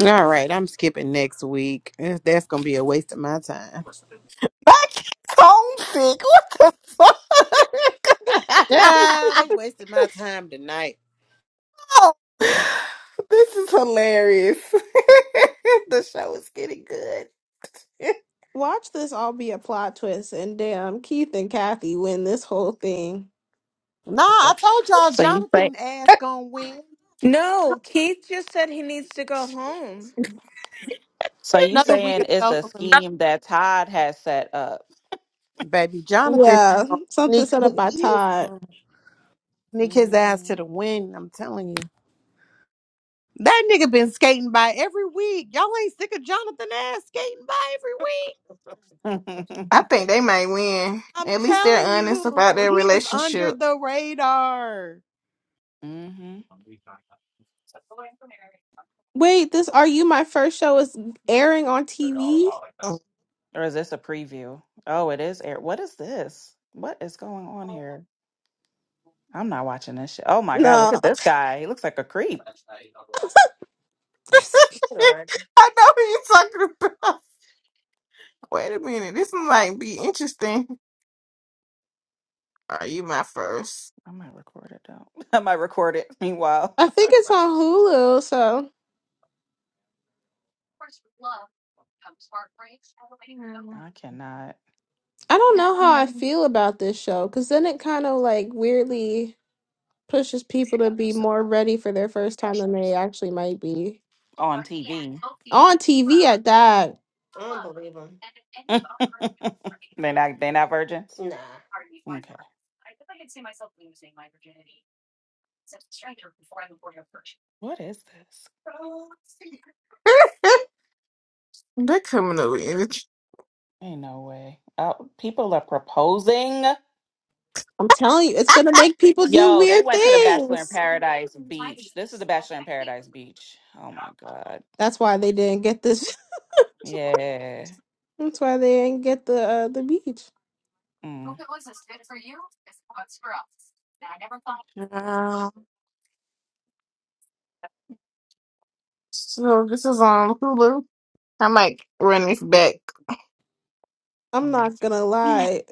S4: All right. I'm skipping next week. Eh, That's going to be a waste of my time.
S2: Homesick. What the
S4: Yeah, they
S2: fuck?
S4: wasted my time tonight.
S2: this is hilarious. the show is getting good.
S7: Watch this all be a plot twist and damn Keith and Kathy win this whole thing.
S4: Nah, I told y'all
S1: So you say
S4: Jonathan ass gonna win.
S3: No, Keith just said he needs to go home.
S1: so you
S4: Another week
S1: saying
S4: of
S1: it's
S4: self
S1: a
S4: elimination.
S1: scheme that Todd has set up.
S4: Baby, Jonathan is
S7: Yeah.
S4: gonna
S7: Something
S4: sneak.
S7: set up by
S4: He he is
S7: Todd.
S4: Nick his ass to
S1: Mhm.
S4: the wind. I'm telling you. That nigga been skating by every week. Y'all ain't sick of Jonathan ass skating by every week.
S2: I
S1: or
S2: think they might win.
S4: I'm
S2: At least they're
S4: telling
S2: honest about
S4: you,
S2: their
S4: he is under
S2: relationship.
S4: the radar.
S1: Mhm.
S7: Wait, this Are You My First Show is airing on TV?
S1: Or is this a preview? Oh, it is air. What is this? What is going on here? I'm not watching this shit. Oh my god, look
S7: No.
S1: at this guy. He looks like a creep. Alright.
S2: I know who you talking about. Wait a minute, this might be interesting. Are you my first?
S1: I might record it though. I might record it meanwhile.
S7: I think it's on Hulu, so
S1: I cannot.
S7: I don't know how I feel about this show because then it kind of like weirdly pushes people to be more ready for their first time than they actually might be
S1: On TV.
S7: on TV at that.
S1: I don't believe him. they not they not virgins. Nah. Okay. What is this?
S2: They're coming over in the
S1: Ain't no way. Oh, people are proposing.
S7: I'm telling you, it's gonna make people do
S1: Yo, they
S7: weird
S1: went to the Bachelor in
S7: things.
S1: Paradise beach. This is the Bachelor in Paradise beach. Oh my god.
S7: That's why they didn't get this.
S1: Yeah.
S7: That's why they didn't get the uh, the beach.
S1: Mm,
S2: Um, so this is on Hulu. I might run this back.
S7: I'm
S1: mm.
S7: not gonna lie.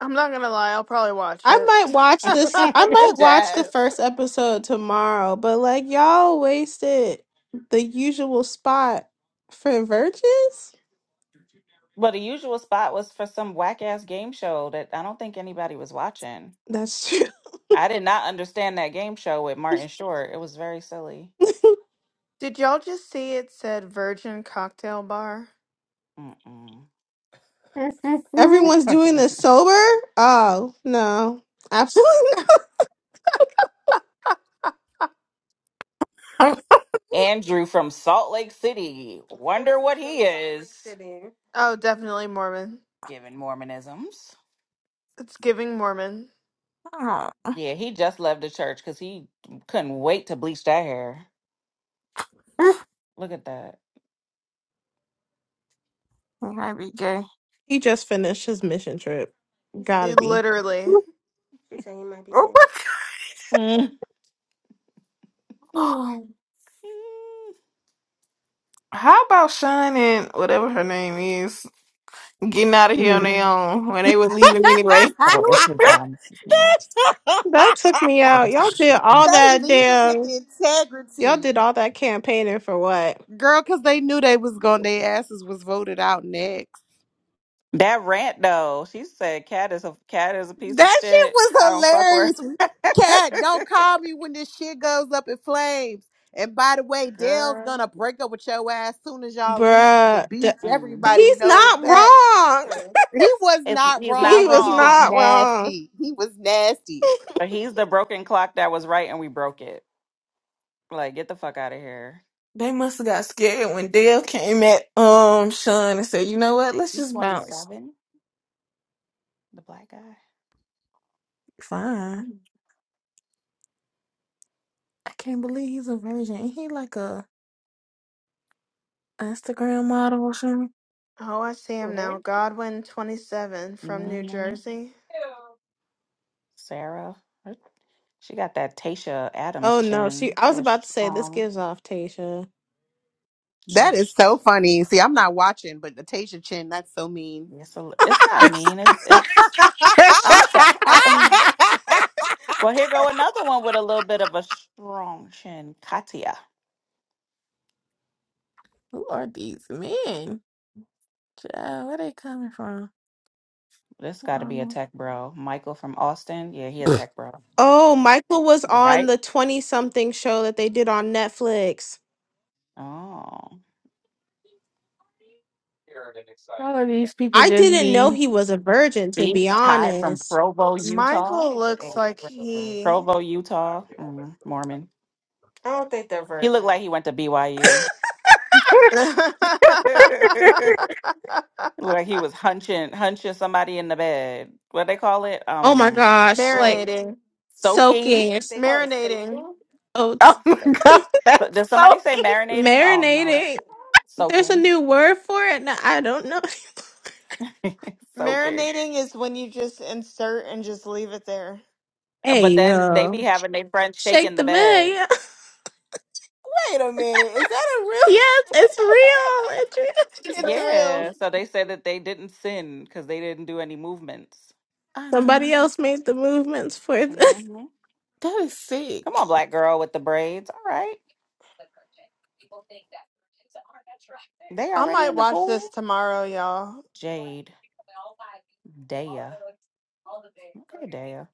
S3: I'm not gonna lie, I'll probably watch
S7: I
S3: it.
S7: might watch this. I might watch the
S1: Jazz.
S7: first episode tomorrow, but like y'all wasted the usual spot for virgins.
S1: But the usual spot was for some whack ass game show that I don't think anybody was watching.
S7: That's true.
S1: I did not understand that game show with Martin Short. It was very silly.
S3: Did y'all just see it said Virgin Cocktail Bar?
S1: Mm-mm.
S7: Everyone's doing this sober. Oh no, absolutely.
S2: oh,
S1: Andrew from Salt Lake City. Wonder what he is
S3: oh, definitely Mormon.
S1: giving Mormonisms.
S3: It's giving Mormon.
S1: Yeah, he just left the church because he couldn't wait to bleach that hair.
S2: it
S1: Look at that.
S2: might be gay.
S7: He just finished his mission trip. Gotta
S3: It
S7: be.
S3: literally.
S2: Oh, my
S1: Mm.
S2: God. How about Sean and whatever her name is getting out of here on their
S4: Mhm.
S2: own when they were leaving anyway?
S1: Oh, it's his um his nail.
S7: That took me
S1: What
S7: out.
S1: is
S7: Y'all did all
S4: they
S7: that
S4: leave
S1: it?
S4: it with
S7: damn. Y'all
S4: integrity.
S7: did all that campaigning for what?
S4: Girl, cause they knew they was going their asses was voted out next.
S1: That rant though, she said cat is a cat is a piece of
S4: That shit
S1: shit.
S4: was
S1: I don't fuck with
S4: hilarious.
S1: her.
S4: Cat, don't call me when this shit goes up in flames. And by the way, Dale's
S1: Girl.
S4: gonna break up with your ass soon as y'all leave the
S7: Bruh, d-
S4: beach.
S1: Mm.
S4: Everybody
S7: he's
S4: knows
S7: not
S4: that.
S7: wrong.
S4: He was
S1: It's
S4: not
S1: he's not
S4: wrong,
S7: He
S4: but
S7: was
S4: he was
S7: not
S1: wrong.
S7: wrong.
S4: nasty. He was nasty.
S1: But he's the broken clock that was right and we broke it. Like, get the fuck out of here.
S2: They must have got scared when Dale came at um Sean and said, "You know what? Let's
S1: He's
S2: just bounce."
S1: 27, the black guy.
S2: Fine. I can't believe he's a virgin. Ain't he like a Instagram model or something?
S3: Oh, I see
S1: Who,
S3: him
S1: her?
S3: now. Godwin, 27, from New
S1: hmm
S3: Jersey.
S1: Sarah. Her- She got that Tasha Adams
S7: Oh no, she
S1: chin.
S7: I was
S1: Little
S7: about to say this
S1: strong.
S7: gives off Tasha.
S4: That
S1: Little,
S4: is
S1: sh-
S4: so funny. See, I'm not watching, but Natasha Chin, that's so mean.
S1: yes, a li- it's not mean. It, it's, I'm sorry. well, here go another one with a little bit of a strong chin. Katia.
S2: Who are these men? Uh, where they coming from?
S1: This got to be a
S2: Um,
S1: tech bro. Michael from Austin. Yeah, he a tech bro.
S7: Oh, Michael was on
S1: Right?
S7: the 20 something show that they did on Netflix.
S1: Oh.
S2: all of these people
S7: I
S2: just
S7: didn't know
S2: be.
S7: he was a virgin to
S1: Big
S7: be
S1: Ty from
S7: honest.
S1: Provo, Utah.
S3: Michael looks like he
S1: Provo, Utah. Mm, Mormon. I don't think they're He very looked like he went to BYU. Looked like he was hunching, hunching somebody in the bed. What they call it?
S7: Oh my
S1: Um,
S7: gosh, like
S1: Oh,
S3: Marinating.
S1: soaking.
S7: soaking
S1: they call it
S3: Marinating.
S1: soaking?
S2: oh
S7: oats,
S2: my
S1: Soaking.
S2: god,
S1: But does
S2: that's so
S1: somebody say
S2: cute.
S1: marinating? Oh no, What is
S7: marinating.
S1: it called?
S7: There's a
S1: soaking,
S7: new word for it. Now, I don't know.
S1: soaking.
S3: Marinating is when you just insert and just leave it there.
S1: But
S7: Hey,
S1: then they be
S7: yo.
S1: having their friends
S7: Shake
S1: shaking the
S7: the bed.
S1: bed.
S7: Yeah.
S2: Wait a minute. Is that a real?
S7: Yes, it's real. It's
S3: It's real.
S7: real.
S1: Yeah. So they said that they didn't sin because they didn't do any movements.
S2: I know
S7: Somebody
S2: you.
S7: else made the movements for the.
S1: hmm
S2: That is sick.
S1: Come on, black girl with the braids. All right. They
S3: I
S1: already
S3: might
S1: in the
S3: watch this
S1: pool.
S3: tomorrow, y'all.
S1: Jade, Daya. Okay, Daya.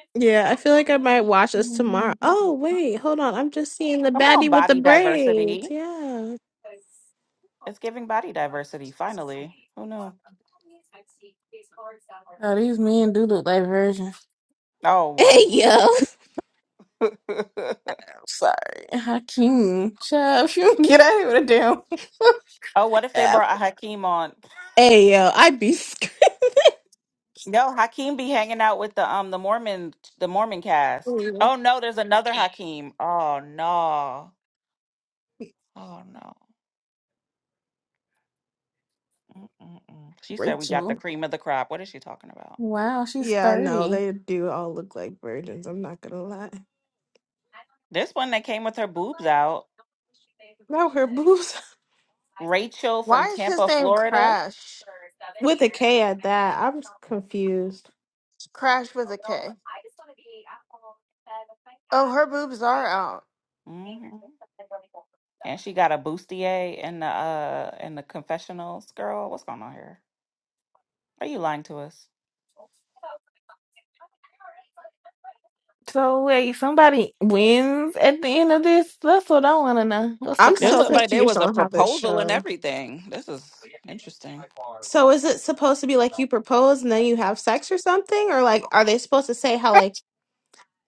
S7: Yeah, I feel like I might watch this tomorrow. Oh, wait, hold on. I'm just seeing the
S1: Come on,
S7: baddie with the
S1: body
S7: braids.
S1: diversity.
S7: Yeah.
S1: It's giving body diversity, finally. Who knew?
S2: Oh, these men do look like virgins.
S1: Oh, wow.
S7: Hey, yo.
S2: I'm sorry, Hakeem. Child, if you don't get out of here with a damn
S1: oh, what if they
S2: app,
S1: brought Hakeem on?
S7: Hey, yo. I'd be scared.
S1: No, Hakeem be hanging out with the um the Mormon the Mormon cast. Oh no, there's another Hakeem. Oh no. Oh no. Mm-mm-mm. She said we got the
S2: Rachel.
S1: cream of the crop. What is she talking about?
S2: Wow, she's
S7: Yeah, no,
S2: thirty.
S7: they do all look like virgins. I'm not gonna lie.
S1: This one that came with her boobs out,
S7: Now her boobs.
S1: Rachel from
S3: Why is his
S1: Tampa,
S3: name
S1: Florida.
S3: Crash?
S7: With a K at that, I'm confused.
S3: Crash with a K. Oh, her boobs are out.
S1: hmm And she got a bustier in the uh in the confessionals. Girl, what's going on here? Are you lying to us?
S2: So wait, somebody wins at the end of this. That's what I want to know. What's the
S7: I'm
S1: It
S7: so
S1: looked
S2: concept?
S1: like there
S7: confused
S1: was a
S7: on how this
S1: proposal and
S7: show.
S1: everything. This is interesting.
S7: So is it supposed to be like you propose and then you have sex or something, or like are they supposed to say how like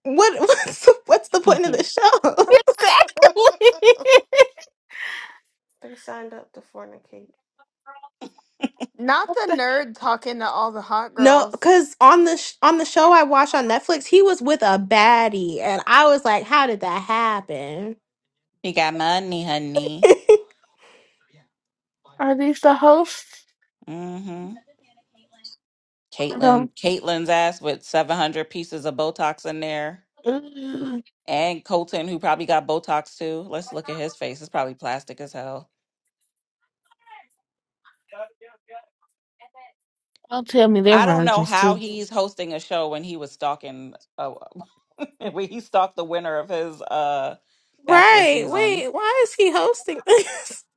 S7: what what's the, what's the point of
S1: Mhm.
S7: the show?
S2: Exactly.
S1: They signed up to fornicate.
S3: Not the nerd talking to all the hot
S7: No,
S3: girls.
S7: because on the sh- on the show I watched on Netflix, he was with a baddie, and I was like, how did that happen?
S1: She got money, honey.
S2: Are these the hosts?
S1: Mm-hmm.
S2: I
S1: Caitlyn,
S2: Don't,
S1: Caitlyn's ass with seven hundred pieces of Botox in there.
S2: Ugh.
S1: and Colton, who probably got Botox too. Let's look at his face. It's probably plastic as hell.
S2: don't tell me they're
S1: I don't know
S2: virgins
S1: how
S2: too.
S1: he's hosting a show when he was stalking, uh, when he stalked the winner of his uh, bachelor
S7: Right?
S1: season.
S7: Wait, why is he hosting this?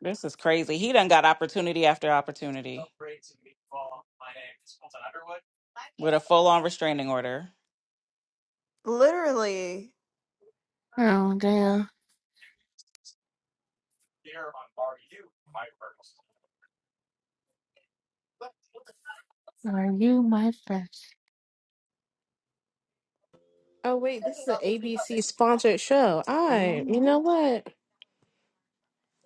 S1: This is crazy. He done got opportunity after opportunity with a full on restraining order.
S3: Literally.
S2: Oh damn. Are you my friend?
S7: Oh wait, this is an ABC sponsored show. I, you know
S1: Mhm.
S7: what?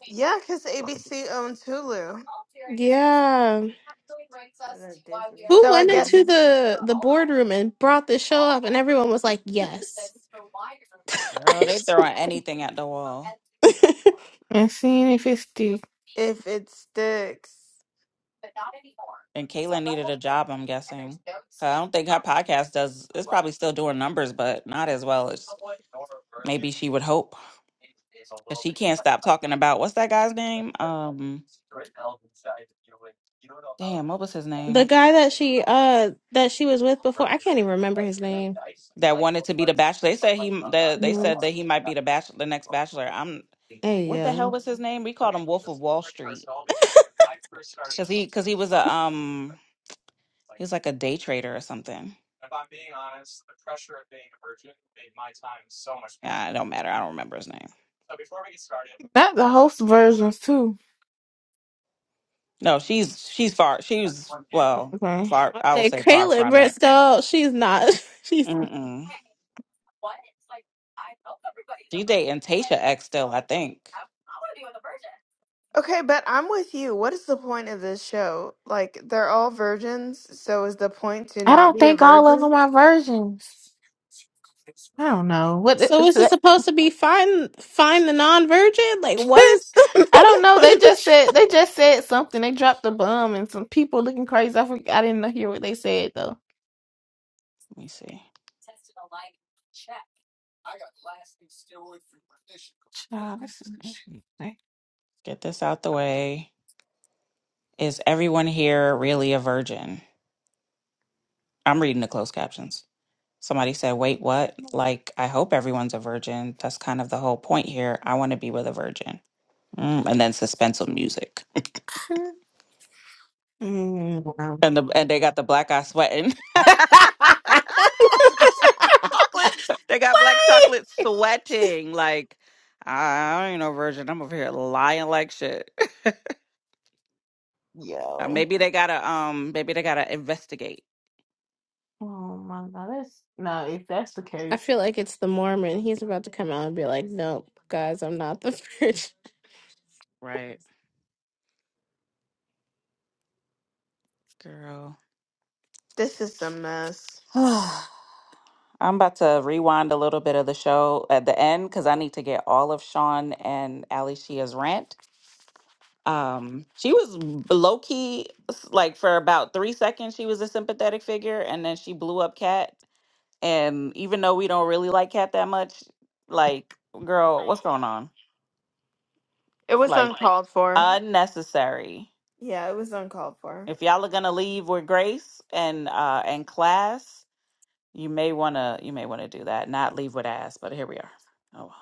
S3: Yeah, because ABC owns Hulu.
S7: Yeah. Who
S3: So I
S7: went into
S3: guess
S7: the the boardroom and brought the show up, and everyone was like, "Yes."
S1: Girl, they throwing anything at the wall.
S7: the
S2: And seeing if it's still
S3: if it sticks.
S1: And Caitlyn needed a job, I'm guessing. 'Cause I don't think her podcast does. It's probably still doing numbers, but not as well as Maybe she would hope. Cause she can't stop talking about what's that guy's name? Um damn, what was his name?
S7: guy that she uh that she was with before, I can't even remember his name.
S1: That wanted to be the bachelor. They said he the, they
S7: Mhm.
S1: said that he might be the bachelor the next bachelor. I'm
S7: Hey,
S1: what the
S7: yeah.
S1: hell was his name? We called him Wolf of Wall Street. Cause he cause he was a um he was like a day trader or something. Yeah, it don't matter. I don't remember his name.
S2: not the host versions too.
S1: No, she's she's far she's well,
S2: Okay.
S1: far I would
S7: Okay,
S1: say far
S7: Caitlin
S1: from it.
S7: Bristol. She's not. She's
S1: Mm-mm. She dating Tasha X still, I think.
S3: Okay, but I'm with you. What is the point of this show? Like, they're all virgins, so is the point to
S2: I
S3: not
S2: don't
S3: be a
S2: think all of
S3: virgin?
S2: them are virgins. I don't know what. the-
S7: so.
S2: is
S7: Is it
S2: that-
S7: supposed to be find find the non virgin? Like, what is the
S2: I
S7: main
S2: don't know. They
S7: point of the
S2: just
S7: show?
S2: said they just said something. They dropped a bomb and some people looking crazy. I forgot. I didn't hear what they said though.
S1: Let me see.
S2: Child, this
S1: Get this out the way. Is everyone here really a virgin? I'm reading the closed captions. Somebody said, Wait, what? Like, I hope everyone's a virgin. That's kind of the whole point here. I want to be with a virgin. Mm, and then suspenseful music.
S2: is- Mm. wow.
S1: And, the, and they got the black eye sweating. chocolate. They got black chocolate sweating. Like, I ain't no virgin. I'm over here lying like shit. Uh,
S2: Yo.
S1: maybe they gotta um maybe they gotta investigate.
S2: Oh my god. That's no, if that's the
S7: I
S2: case.
S7: feel like it's the Mormon. He's about to come out and be like, "Nope, guys, I'm not the virgin."
S1: Right. Girl.
S3: This is a mess.
S1: I'm about to rewind a little bit of the show at the end because I need to get all of Sean and Ali Shia's rant. Um, she was low key, like for about three seconds, she was a sympathetic figure, and then she blew up Cat. And even though we don't really like Cat that much, like, girl, what's going on?
S3: It was
S1: Like,
S3: uncalled for.
S1: unnecessary.
S3: Yeah, it was uncalled for.
S1: If y'all are gonna leave with grace and uh and class, you may wanna you may wanna do that. Not leave with ass, but here we are. Oh well.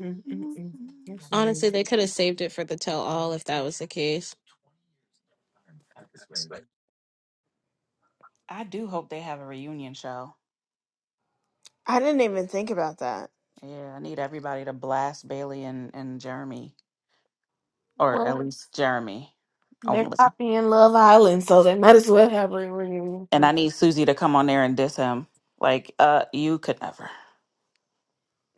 S2: Mm-mm-mm. That's amazing.
S7: Honestly, they could have saved it for the tell all if that was the case.
S1: I do hope they have a reunion show.
S3: I didn't even think about that.
S1: Yeah, I need everybody to blast Bailey and, and Jeremy, or at
S2: Well,
S1: least Jeremy
S2: they're
S1: only.
S2: copying Love Island, so they might as well have a reunion.
S1: And
S2: show.
S1: I need Susie to come on there and diss him. Like, uh, you could never.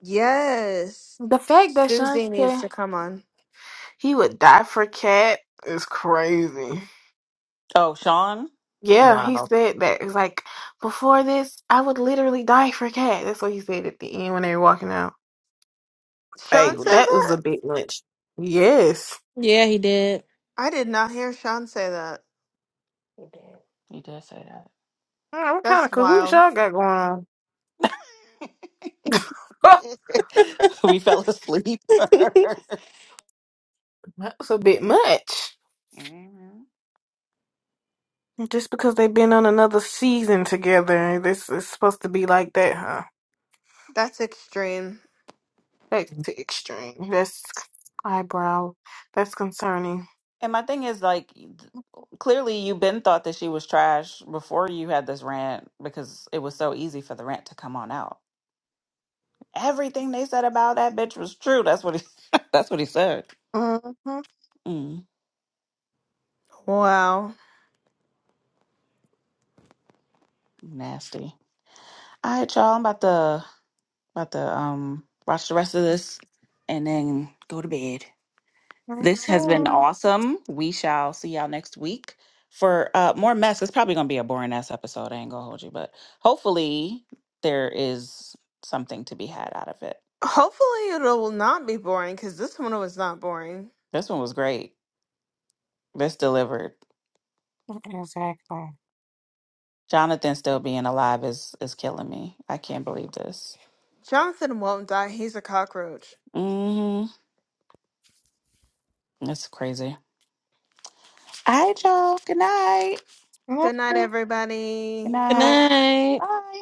S3: Yes.
S2: The fact that Sean
S3: Susie needs
S2: said
S3: to come on.
S2: he would die for Cat is crazy.
S1: Oh, Sean?
S2: Yeah, he
S1: Wow.
S2: said that. It's like before this, I would literally die for Cat. That's what he said at the end when they were walking out. Like
S3: Sean
S1: Mm,
S3: said
S2: that was a
S3: that?
S2: big lunch. Yes.
S7: Yeah, he did.
S3: I did not hear Sean say that.
S1: You did. you did say
S2: Mm, what kind
S3: That's
S2: of cahoots
S3: wild.
S2: y'all got going
S1: that.
S2: on?
S1: we fell asleep.
S2: That was a bit much.
S1: Mhm.
S2: Just because they've been on another season together, this is supposed to be like that, huh?
S3: That's extreme.
S2: That's too extreme. That's eyebrow. That's concerning.
S1: And my thing is like th- clearly you been thought that she was trash before you had this rant because it was so easy for the rant to come on out. Everything they said about that bitch was true. That's what he that's what he said.
S2: Mm-hmm.
S1: Mm,
S3: Wow.
S1: nasty. All right, y'all. I'm about to about to um watch the rest of this and then go to bed. This has been
S2: Okay.
S1: awesome. We shall see y'all next week for uh more mess. It's probably gonna be a boring ass episode. I ain't gonna hold you, but hopefully there is something to be had out of it.
S3: Hopefully, it will not be boring because this one was not boring.
S1: This one was great. This delivered.
S2: Exactly.
S1: Jonathan still being alive is is killing me. I can't believe this.
S3: Jonathan won't die. He's a cockroach.
S1: Mm-hmm. That's crazy. All right, y'all. Good night.
S3: Good night,
S2: No.
S1: Good
S3: everybody.
S7: Good
S1: night.
S7: night.
S1: Bye.